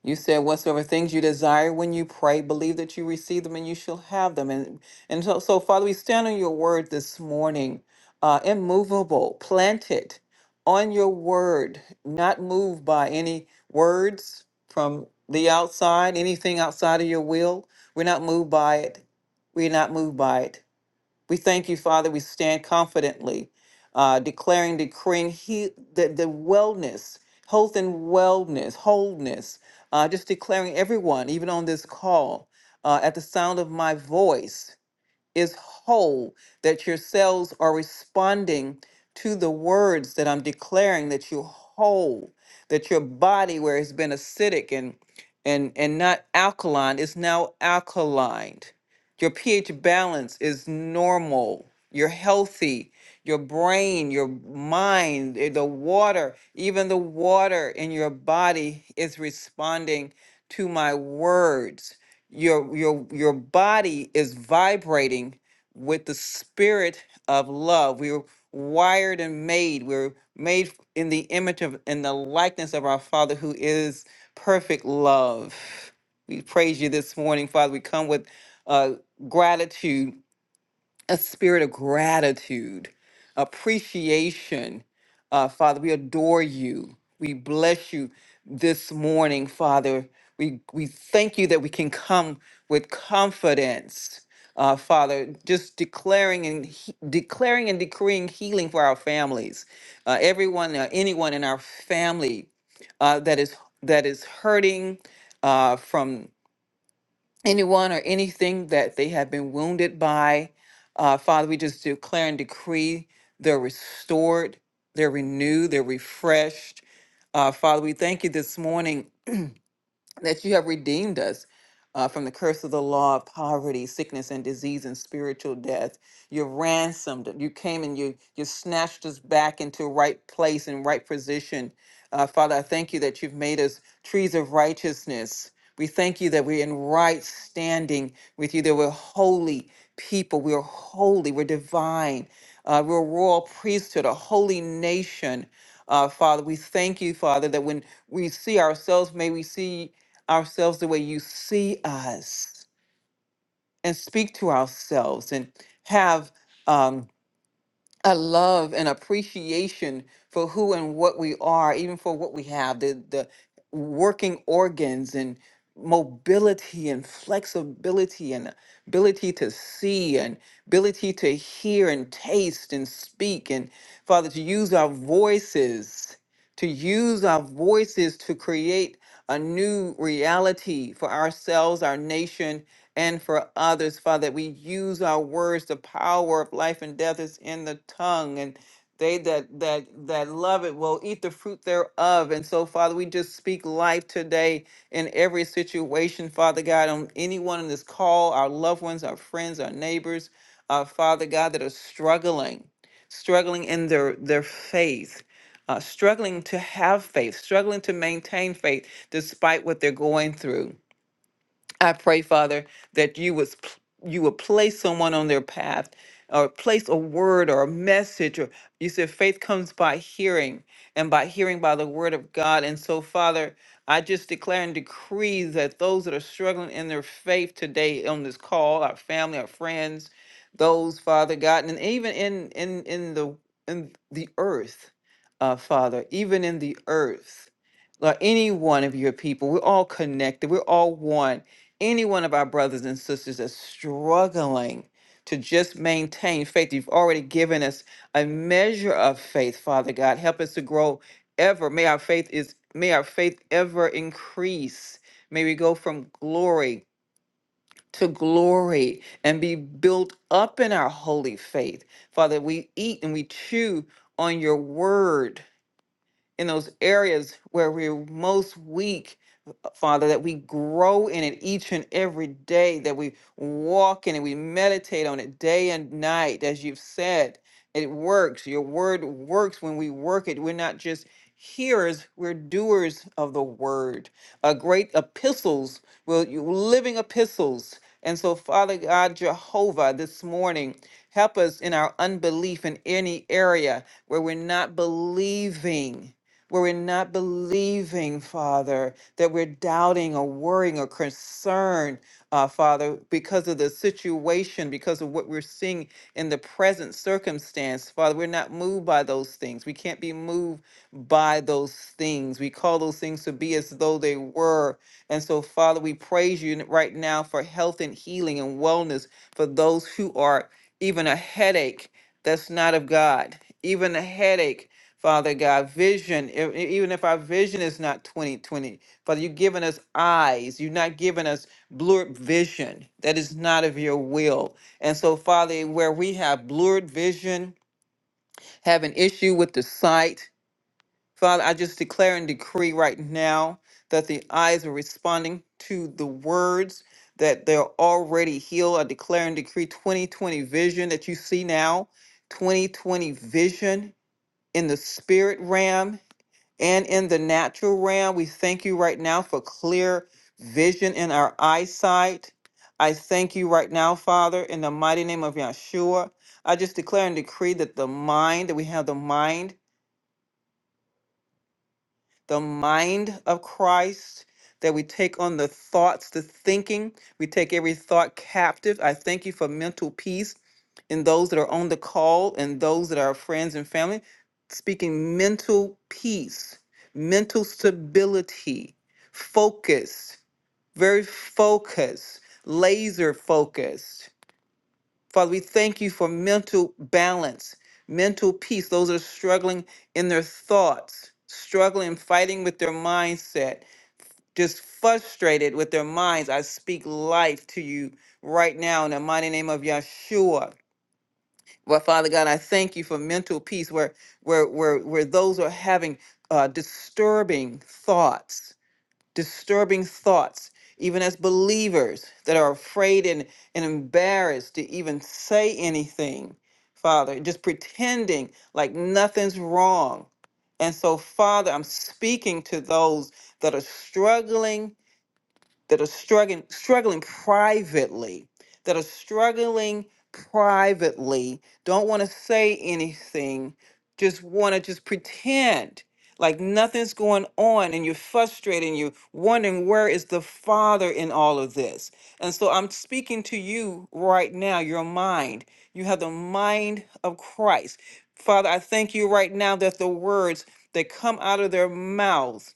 S6: You said whatsoever things you desire when you pray, believe that you receive them and you shall have them. And and so, so Father, we stand on your word this morning, uh, immovable, planted on your word, not moved by any words from the outside, anything outside of your will. We're not moved by it. We're not moved by it. We thank you, Father. We stand confidently, uh, declaring, decreeing he, the, the wellness, health and wellness, wholeness, uh, just declaring everyone, even on this call, uh, at the sound of my voice is whole, that your cells are responding to the words that I'm declaring that you're whole, that your body, where it's been acidic and and and not alkaline, is now alkaline. Your pH balance is normal. You're healthy. Your brain, your mind, eh, the water, even the water in your body is responding to my words your your your body is vibrating with the spirit of love we were wired and made we are made in the image of in the likeness of our father who is perfect love we praise you this morning father we come with uh, gratitude a spirit of gratitude, appreciation. Uh, Father, we adore you. We bless you this morning, Father. We, we thank you that we can come with confidence, uh, Father, just declaring and he- declaring and decreeing healing for our families, uh, everyone, uh, anyone in our family uh, that is that is hurting uh, from anyone or anything that they have been wounded by. Uh, Father, we just declare and decree they're restored, they're renewed, they're refreshed. Uh, Father, we thank you this morning that you have redeemed us uh, from the curse of the law of poverty, sickness, and disease, and spiritual death. You ransomed. You came and you you snatched us back into right place and right position. Uh, Father, I thank you that you've made us trees of righteousness. We thank you that we're in right standing with you. That we're holy people. We're holy. We're divine. Uh, we're a royal priesthood, a holy nation. Uh, Father, we thank you, Father, that when we see ourselves, may we see ourselves the way you see us and speak to ourselves and have um, a love and appreciation for who and what we are, even for what we have, the the working organs and mobility and flexibility and ability to see and ability to hear and taste and speak and father to use our voices to use our voices to create a new reality for ourselves our nation and for others, Father, that we use our words. The power of life and death is in the tongue, and they that that that love it will eat the fruit thereof. And so, Father, we just speak life today in every situation, Father God, on anyone in this call, our loved ones, our friends, our neighbors, uh, Father God, that are struggling, struggling in their their faith. Uh, struggling to have faith, struggling to maintain faith despite what they're going through. I pray, Father, that you was you would place someone on their path, or place a word or a message. Or you said faith comes by hearing, and by hearing by the word of God. And so, Father, I just declare and decree that those that are struggling in their faith today on this call, our family, our friends, those, Father God, and even in in in the in the earth, uh, Father, even in the earth, Lord, any one of your people, we're all connected, we're all one any one of our brothers and sisters that's struggling to just maintain faith. You've already given us a measure of faith, Father God. Help us to grow ever. May our faith is may our faith ever increase. May we go from glory to glory and be built up in our holy faith. Father, we eat and we chew on your word in those areas where we're most weak Father, that we grow in it each and every day, that we walk in it, we meditate on it day and night, as you've said. It works. Your word works when we work it. We're not just hearers, we're doers of the word. A great epistles, well, you- living epistles. And so, Father God, Jehovah, this morning, help us in our unbelief in any area where we're not believing, where we're not believing, Father that we're doubting or worrying or concerned, uh, Father, because of the situation, because of what we're seeing in the present circumstance. Father, we're not moved by those things. We can't be moved by those things. We call those things to be as though they were. And so, Father, we praise you right now for health and healing and wellness for those who are even a headache that's not of God, even a headache. Father God, vision, e- e- even if our vision is not 2020, Father, you've given us eyes. You've not given us blurred vision that is not of your will. And so, Father, where we have blurred vision, have an issue with the sight, Father, I just declare and decree right now that the eyes are responding to the words that they're already healed. I declare and decree 2020 vision that you see now, 2020 vision in the spirit realm and in the natural realm. We thank you right now for clear vision in our eyesight. I thank you right now, Father, in the mighty name of Yahshua. I just declare and decree that the mind, that we have the mind the mind of Christ, that we take on the thoughts, the thinking. We take every thought captive. I thank you for mental peace in those that are on the call and those that are friends and family, speaking mental peace, mental stability, focus, very focused, laser focused. Father, we thank you for mental balance, mental peace. Those that are struggling in their thoughts, struggling, fighting with their mindset, just frustrated with their minds. I speak life to you right now in the mighty name of Yeshua. But Father God, I thank you for mental peace where where where where those are having uh, disturbing thoughts disturbing thoughts, even as believers that are afraid and, and embarrassed to even say anything, Father, just pretending like nothing's wrong. And so, Father, I'm speaking to those that are struggling that are struggling struggling privately that are struggling privately don't want to say anything just want to just pretend like nothing's going on and you're frustrated and you're wondering where is the father in all of this and so i'm speaking to you right now your mind you have the mind of christ father i thank you right now that the words that come out of their mouths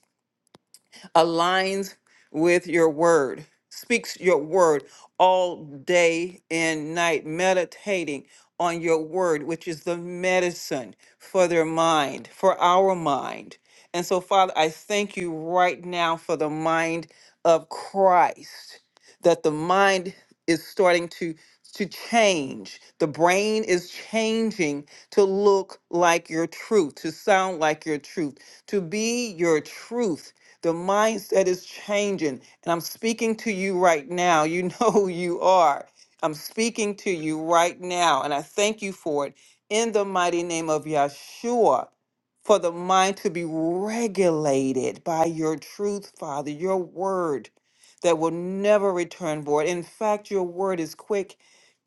S6: aligns with your word, speaks your word all day and night, meditating on your word, which is the medicine for their mind, for our mind. And so, Father, I thank you right now for the mind of Christ, that the mind is starting to to change. The brain is changing to look like your truth, to sound like your truth, to be your truth the mindset is changing. And I'm speaking to you right now. You know who you are. I'm speaking to you right now. And I thank you for it in the mighty name of Yeshua for the mind to be regulated by your truth, Father, your word that will never return void. In fact, your word is quick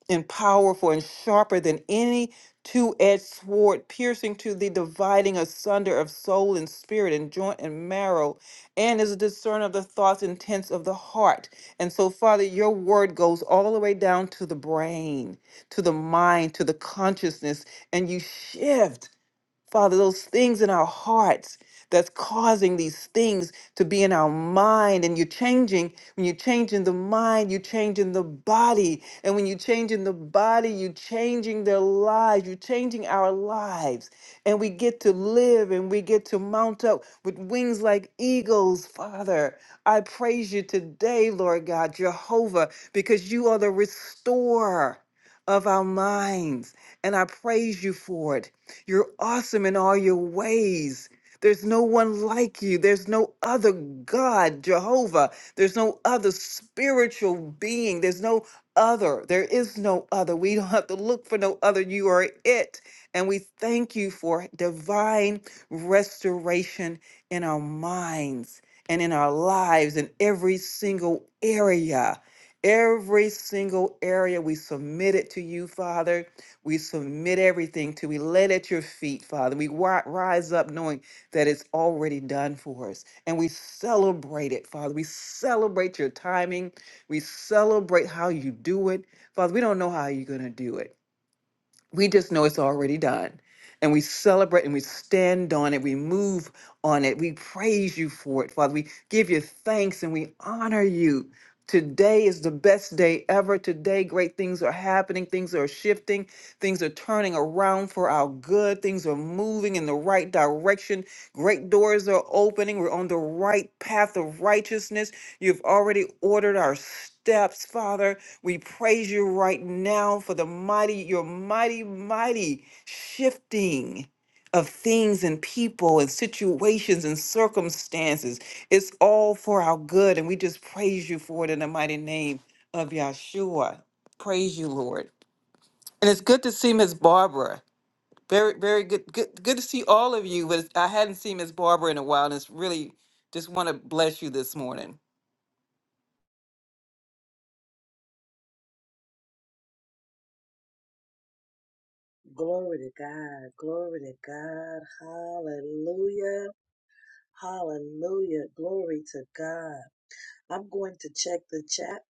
S6: and powerful and sharper than any two edged sword, piercing to the dividing asunder of soul and spirit and joint and marrow, and is a discerner of the thoughts and intents of the heart. And so, Father, your word goes all the way down to the brain, to the mind, to the consciousness, and you shift. Father, those things in our hearts that's causing these things to be in our mind. And you're changing, when you're changing the mind, you're changing the body. And when you're changing the body, you're changing their lives, you're changing our lives. And we get to live and we get to mount up with wings like eagles, Father. I praise you today, Lord God, Jehovah, because you are the restorer of our minds. And I praise you for it. You're awesome in all your ways. There's no one like you. There's no other God, Jehovah. There's no other spiritual being. There's no other. There is no other. We don't have to look for no other. You are it. And we thank you for divine restoration in our minds and in our lives in every single area. Every single area we submit it to you, Father we submit everything to, we lay it at your feet, Father. We wi- rise up knowing that it's already done for us. And we celebrate it, Father. We celebrate your timing. We celebrate how you do it. Father, we don't know how you're going to do it we just know it's already done. And we celebrate and we stand on it. We move on it. We praise you for it, Father. We give you thanks and we honor you. Today is the best day ever. Today, great things are happening. Things are shifting. Things are turning around for our good. Things are moving in the right direction. Great doors are opening. We're on the right path of righteousness. You've already ordered our steps, Father. We praise you right now for the mighty, your mighty, mighty shifting of things and people and situations and circumstances. It's all for our good, and we just praise you for it in the mighty name of Yahshua. Praise you, Lord. And it's good to see Miss Barbara. Very, very good. Good, good to see all of you. But it's- I hadn't seen Miss Barbara in a while, and it's really just want to bless you this morning.
S1: Glory to God. Glory to God. Hallelujah. Hallelujah. Glory to God. I'm going to check the chat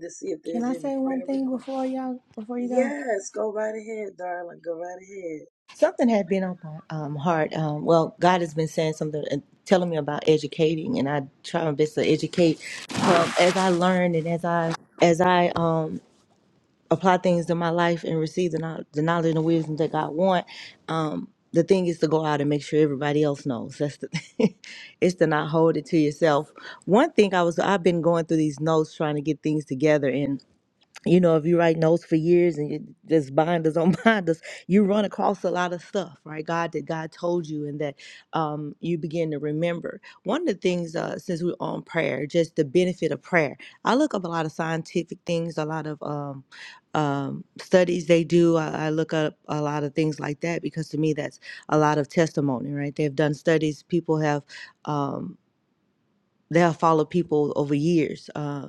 S1: to see if
S5: Can
S1: there's
S5: I
S1: any
S5: say one
S1: prayer
S5: thing
S1: requests.
S5: before y'all before you go?
S1: Yes, go right ahead, darling. Go right ahead.
S5: Something had been on my um, heart. Um, well, God has been saying something and telling me about educating, and I try my best to educate. Um, as I learn and as I as I um, apply things to my life and receive the, knowl- the knowledge and the wisdom that God want, um, the thing is to go out and make sure everybody else knows. That's the it's to not hold it to yourself. One thing I was I've been going through these notes trying to get things together and. you know, if you write notes for years and you just binders on binders, you run across a lot of stuff, right? God that God told you and that um, you begin to remember. One of the things, uh, since we're on prayer, just the benefit of prayer. I look up a lot of scientific things, a lot of um, um, studies they do. I, I look up a lot of things like that because to me, that's a lot of testimony, right? They've done studies. People have. Um, they have followed people over years. Uh,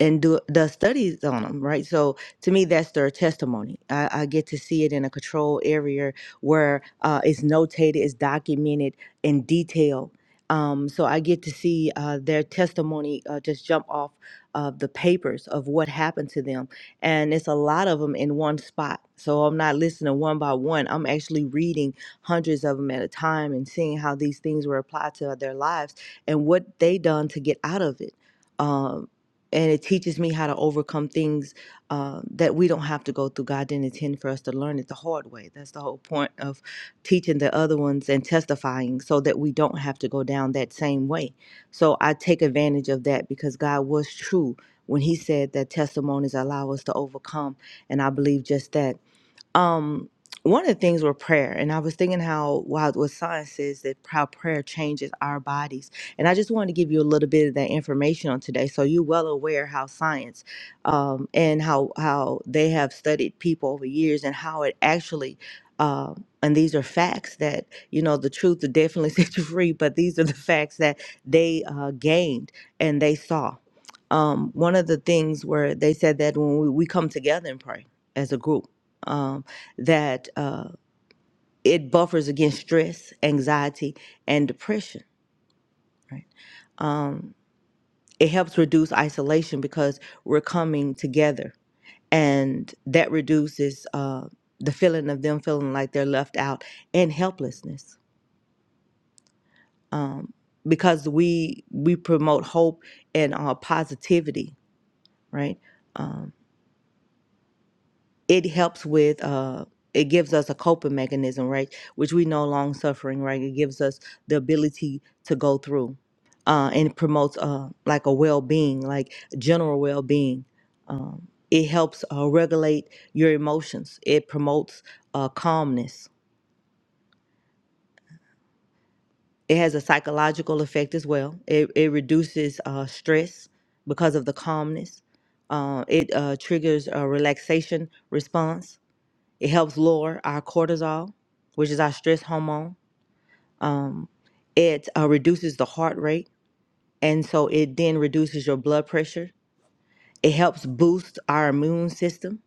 S5: and do the studies on them, right? So to me, that's their testimony. I, I get to see it in a control area where uh, it's notated, it's documented in detail. Um, so I get to see uh, their testimony uh, just jump off of the papers of what happened to them, and it's a lot of them in one spot. So I'm not listening one by one. I'm actually reading hundreds of them at a time and seeing how these things were applied to their lives and what they done to get out of it Um, and it teaches me how to overcome things uh, that we don't have to go through. God didn't intend for us to learn it the hard way. That's the whole point of teaching the other ones and testifying so that we don't have to go down that same way. So I take advantage of that because God was true when He said that testimonies allow us to overcome. And I believe just that um one of the things were prayer and i was thinking how wow what science says that how prayer changes our bodies and i just wanted to give you a little bit of that information on today so you're well aware how science um, and how how they have studied people over years and how it actually um, and these are facts that you know the truth will definitely set you free but these are the facts that they uh, gained and they saw um, one of the things where they said that when we, we come together and pray as a group um, that uh, it buffers against stress, anxiety, and depression. Right? Um, it helps reduce isolation because we're coming together, and that reduces uh, the feeling of them feeling like they're left out and helplessness. Um, because we we promote hope and uh, positivity, right? Um, it helps with uh it gives us a coping mechanism right which we know long suffering right it gives us the ability to go through uh and it promotes uh like a well-being like general well-being um it helps uh, regulate your emotions it promotes uh calmness it has a psychological effect as well it, it reduces uh stress because of the calmness uh, it uh, triggers a relaxation response It helps lower our cortisol, which is our stress hormone. Um, it uh, reduces the heart rate, and so it then reduces your blood pressure. It helps boost our immune system.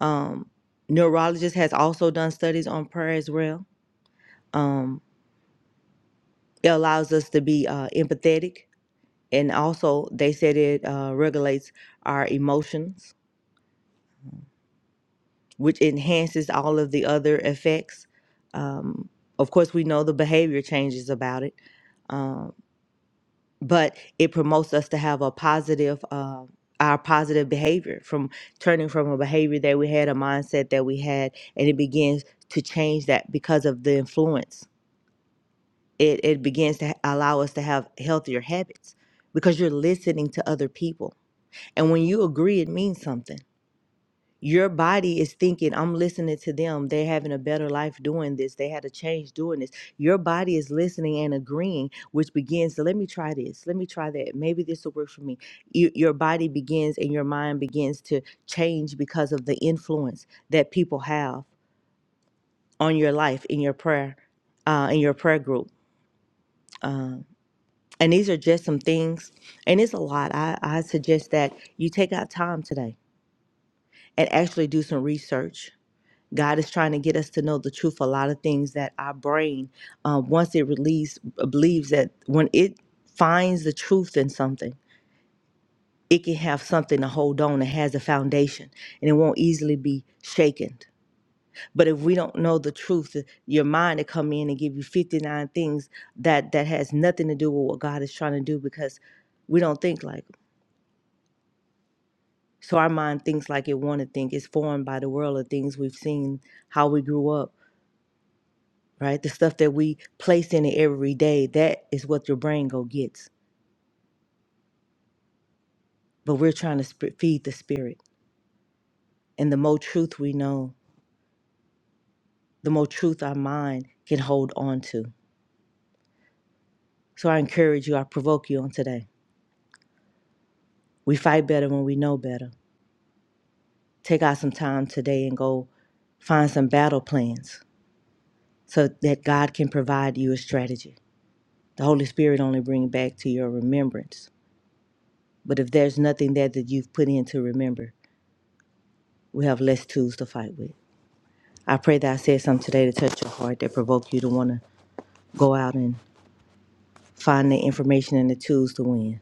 S5: Um, neurologist has also done studies on prayer as well. Um, it allows us to be uh, empathetic, and also they said it uh, regulates our emotions, which enhances all of the other effects. Um, of course, we know the behavior changes about it Um, but it promotes us to have a positive uh, our positive behavior from turning from a behavior that we had a mindset that we had and it begins to change that because of the influence it, it begins to allow us to have healthier habits because you're listening to other people and when you agree it means something your body is thinking i'm listening to them they're having a better life doing this they had a change doing this your body is listening and agreeing which begins to let me try this let me try that maybe this will work for me you, your body begins and your mind begins to change because of the influence that people have on your life in your prayer uh, in your prayer group um, and these are just some things and it's a lot I, I suggest that you take out time today and actually do some research God is trying to get us to know the truth. A lot of things that our brain, uh, once it release, uh, believes that when it finds the truth in something, it can have something to hold on. It has a foundation, and it won't easily be shaken. But if we don't know the truth, uh, your mind will come in and give you fifty nine things that that has nothing to do with what God is trying to do because we don't think like. Him. So our mind thinks like it want to think. It's formed by the world of things we've seen, how we grew up right? The stuff that we place in it every day, that is what your brain go gets. But we're trying to sp- feed the spirit. And the more truth we know, the more truth our mind can hold on to. So I encourage you, I provoke you on today. We fight better when we know better. Take out some time today and go find some battle plans so that God can provide you a strategy. The Holy Spirit only bring back to your remembrance. But if there's nothing there that you've put in to remember, we have less tools to fight with. I pray that I said something today to touch your heart that provoke you to want to go out and find the information and the tools to win.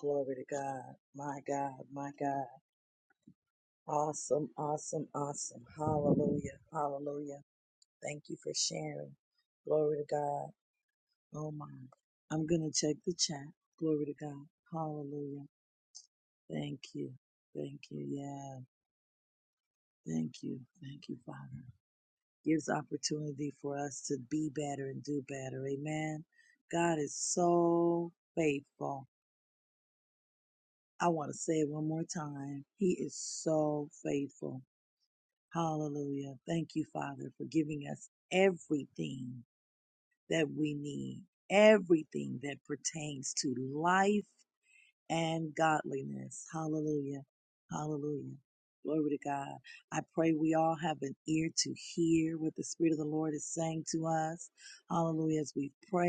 S1: Glory to God. My God, my God. Awesome, awesome, awesome. Hallelujah, hallelujah. Thank you for sharing. Glory to God. Oh my. I'm going to check the chat. Glory to God. Hallelujah. Thank you. Thank you. Yeah. Thank you. Thank you, Father. Gives opportunity for us to be better and do better. Amen. God is so faithful. I want to say it one more time. He is so faithful. Hallelujah. Thank you, Father, for giving us everything that we need, everything that pertains to life and godliness. Hallelujah. Hallelujah. Glory to God. I pray we all have an ear to hear what the Spirit of the Lord is saying to us. Hallelujah. As we pray,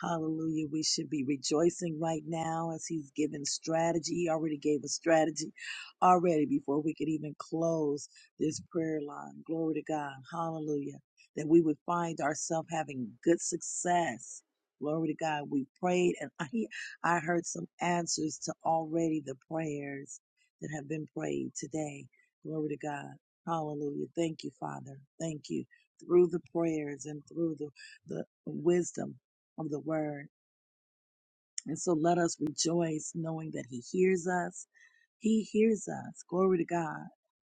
S1: hallelujah. We should be rejoicing right now as He's given strategy. He already gave us strategy already before we could even close this prayer line. Glory to God. Hallelujah. That we would find ourselves having good success. Glory to God. We prayed and He I heard some answers to already the prayers that have been prayed today. Glory to God. Hallelujah. Thank you, Father. Thank you. Through the prayers and through the, the wisdom of the word. And so let us rejoice knowing that He hears us. He hears us. Glory to God.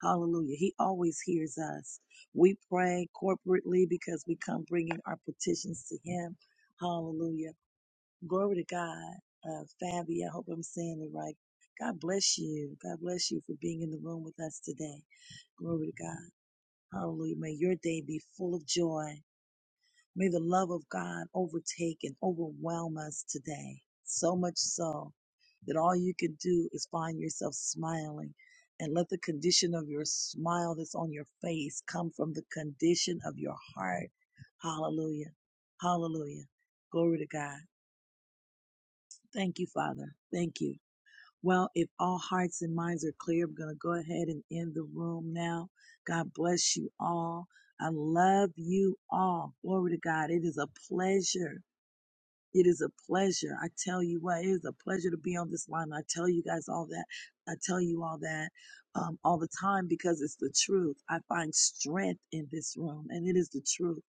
S1: Hallelujah. He always hears us. We pray corporately because we come bringing our petitions to Him. Hallelujah Glory to God. Uh, Fabi, I hope I'm saying it right. God bless you. God bless you for being in the room with us today. Glory to God. Hallelujah. May your day be full of joy. May the love of God overtake and overwhelm us today. So much so that all you can do is find yourself smiling and let the condition of your smile that's on your face come from the condition of your heart. Hallelujah. Hallelujah. Glory to God. Thank you, Father. Thank you. Well, if all hearts and minds are clear, I'm going to go ahead and end the room now. God bless you all. I love you all. Glory to God. It is a pleasure. It is a pleasure. I tell you what, it is a pleasure to be on this line. I tell you guys all that. I tell you all that um, all the time because it's the truth. I find strength in this room, and it is the truth.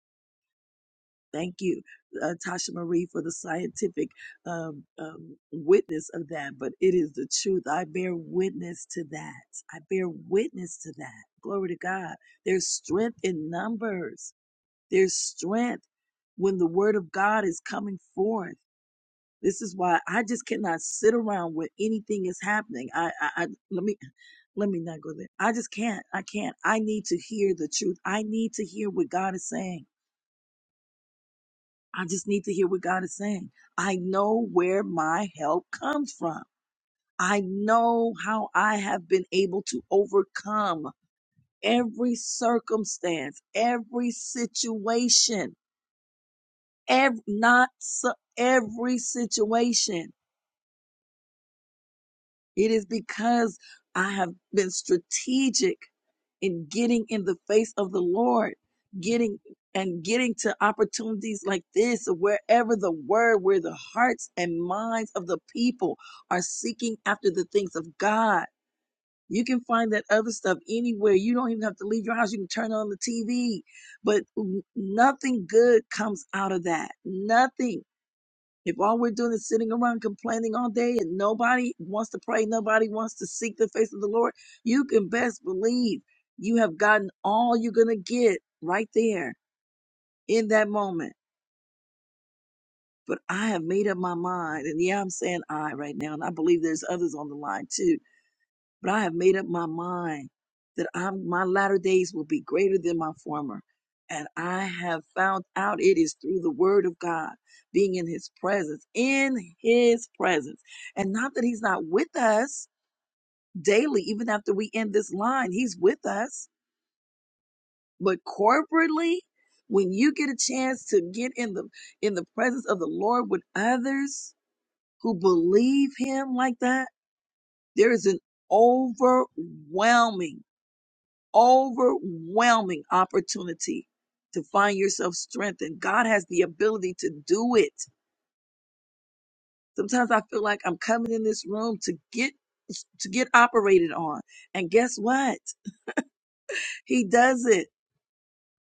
S1: Thank you, uh, Tasha Marie, for the scientific um, um, witness of that. But it is the truth. I bear witness to that. I bear witness to that. Glory to God. There's strength in numbers. There's strength when the word of God is coming forth. This is why I just cannot sit around when anything is happening. I, I, I let me let me not go there. I just can't. I can't. I need to hear the truth. I need to hear what God is saying. I just need to hear what God is saying. I know where my help comes from. I know how I have been able to overcome every circumstance, every situation, every, not so, every situation. It is because I have been strategic in getting in the face of the Lord, getting and getting to opportunities like this, wherever the word, where the hearts and minds of the people are seeking after the things of God. You can find that other stuff anywhere. You don't even have to leave your house. You can turn on the TV. But nothing good comes out of that. Nothing. If all we're doing is sitting around complaining all day and nobody wants to pray, nobody wants to seek the face of the Lord, you can best believe you have gotten all you're going to get right there in that moment. But I have made up my mind. And yeah, I'm saying I right now. And I believe there's others on the line too But I have made up my mind that I'm, my latter days will be greater than my former. And I have found out it is through the word of God, being in his presence, in his presence. And not that he's not with us daily, even after we end this line, he's with us. But corporately, when you get a chance to get in the in the presence of the Lord with others who believe him like that, there is an overwhelming overwhelming opportunity to find yourself strengthened. God has the ability to do it. Sometimes I feel like I'm coming in this room to get to get operated on. And guess what? He does it.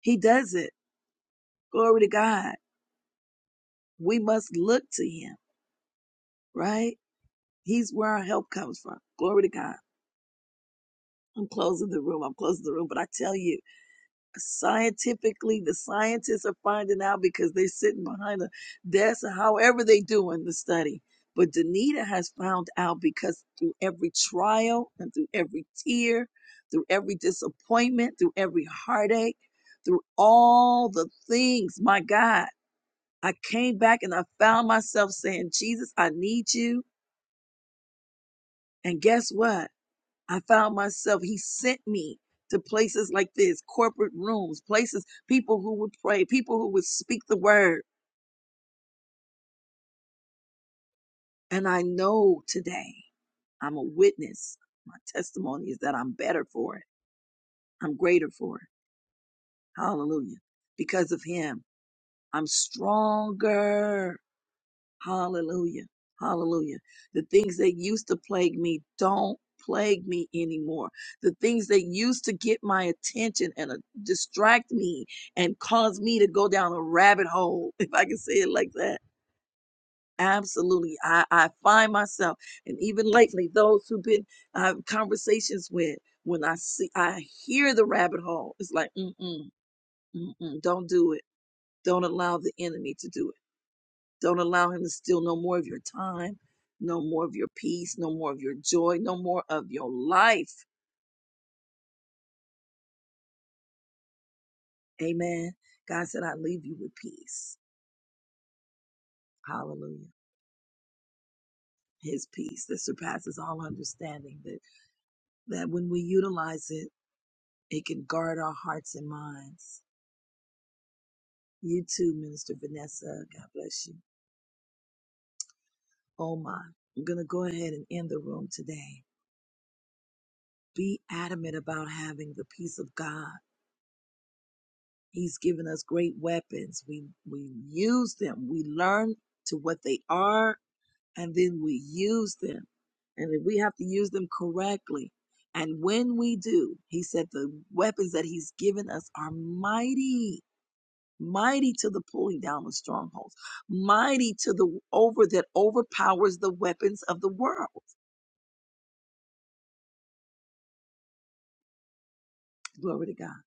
S1: He does it. Glory to God. We must look to him, right? He's where our help comes from. Glory to God. I'm closing the room. I'm closing the room, but I tell you, scientifically the scientists are finding out because they're sitting behind a desk or however they do in the study but danita has found out because through every trial and through every tear through every disappointment through every heartache through all the things my god i came back and i found myself saying jesus i need you and guess what I found myself, he sent me to places like this, corporate rooms, places, people who would pray, people who would speak the word. And I know today I'm a witness. My testimony is that I'm better for it. I'm greater for it. Hallelujah. Because of him, I'm stronger. Hallelujah. Hallelujah. The things that used to plague me don't plague me anymore. The things that used to get my attention and uh, distract me and cause me to go down a rabbit hole, if I can say it like that. Absolutely. I, I find myself, and even lately, those who've been I have conversations with, when I see, I hear the rabbit hole, it's like, mm-mm, mm-mm, don't do it. Don't allow the enemy to do it don't allow him to steal no more of your time, no more of your peace, no more of your joy, no more of your life. Amen. God said, I leave you with peace. Hallelujah. His peace that surpasses all understanding, that, that when we utilize it, it can guard our hearts and minds. You too, Minister Vanessa. God bless you. Oh my. I'm going to go ahead and end the room today. Be adamant about having the peace of God He's given us great weapons. We we use them. We learn to what they are and then we use them. And then we have to use them correctly. And when we do, he said the weapons that he's given us are mighty, mighty to the pulling down of strongholds, mighty to the over that overpowers the weapons of the world. Glory to God.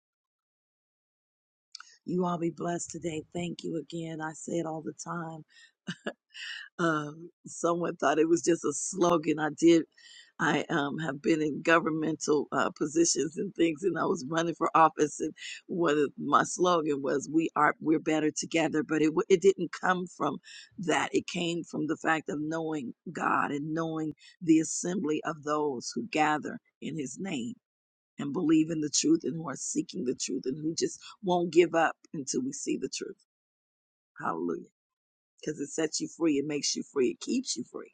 S1: You all be blessed today. Thank you again. I say it all the time Um, someone thought it was just a slogan. I did. I um, have been in governmental uh, positions and things, and I was running for office, and one of my slogan was "We are we're better together." But it wa- it didn't come from that. It came from the fact of knowing God and knowing the assembly of those who gather in His name and believe in the truth and who are seeking the truth and who just won't give up until we see the truth. Hallelujah! Because it sets you free, it makes you free, it keeps you free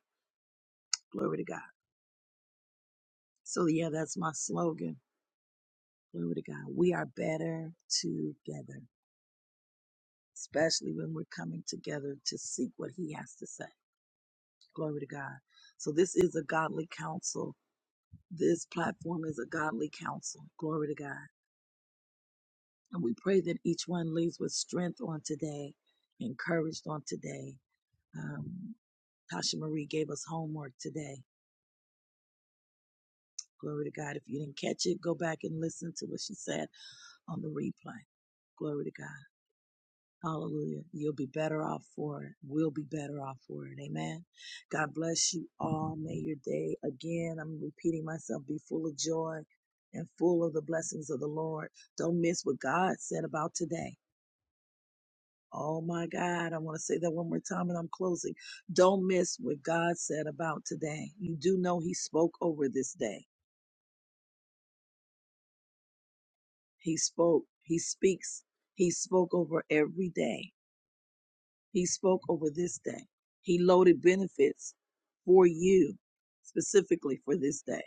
S1: Glory to God. So yeah, that's my slogan. Glory to God. We are better together, especially when we're coming together to seek what he has to say. Glory to God. So this is a godly counsel. This platform is a godly counsel. Glory to God. And we pray that each one leaves with strength on today, encouraged on today. Um, Tasha Marie gave us homework today. Glory to God. If you didn't catch it, go back and listen to what she said on the replay. Glory to God. Hallelujah. You'll be better off for it. We'll be better off for it. Amen. God bless you all. May your day, again, I'm repeating myself, be full of joy and full of the blessings of the Lord. Don't miss what God said about today. Oh my God. I want to say that one more time and I'm closing. Don't miss what God said about today. You do know He spoke over this day. He spoke. He speaks. He spoke over every day. He spoke over this day. He loaded benefits for you specifically for this day.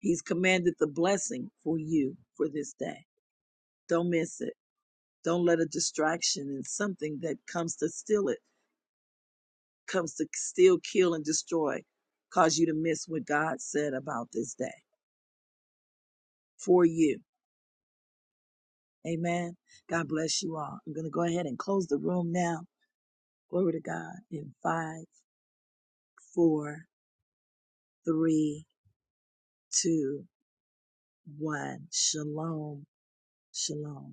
S1: He's commanded the blessing for you for this day. Don't miss it. Don't let a distraction and something that comes to steal it, comes to steal, kill, and destroy, cause you to miss what God said about this day for you. Amen. God bless you all. I'm going to go ahead and close the room now. Glory to God in five, four, three, two, one. Shalom. Shalom.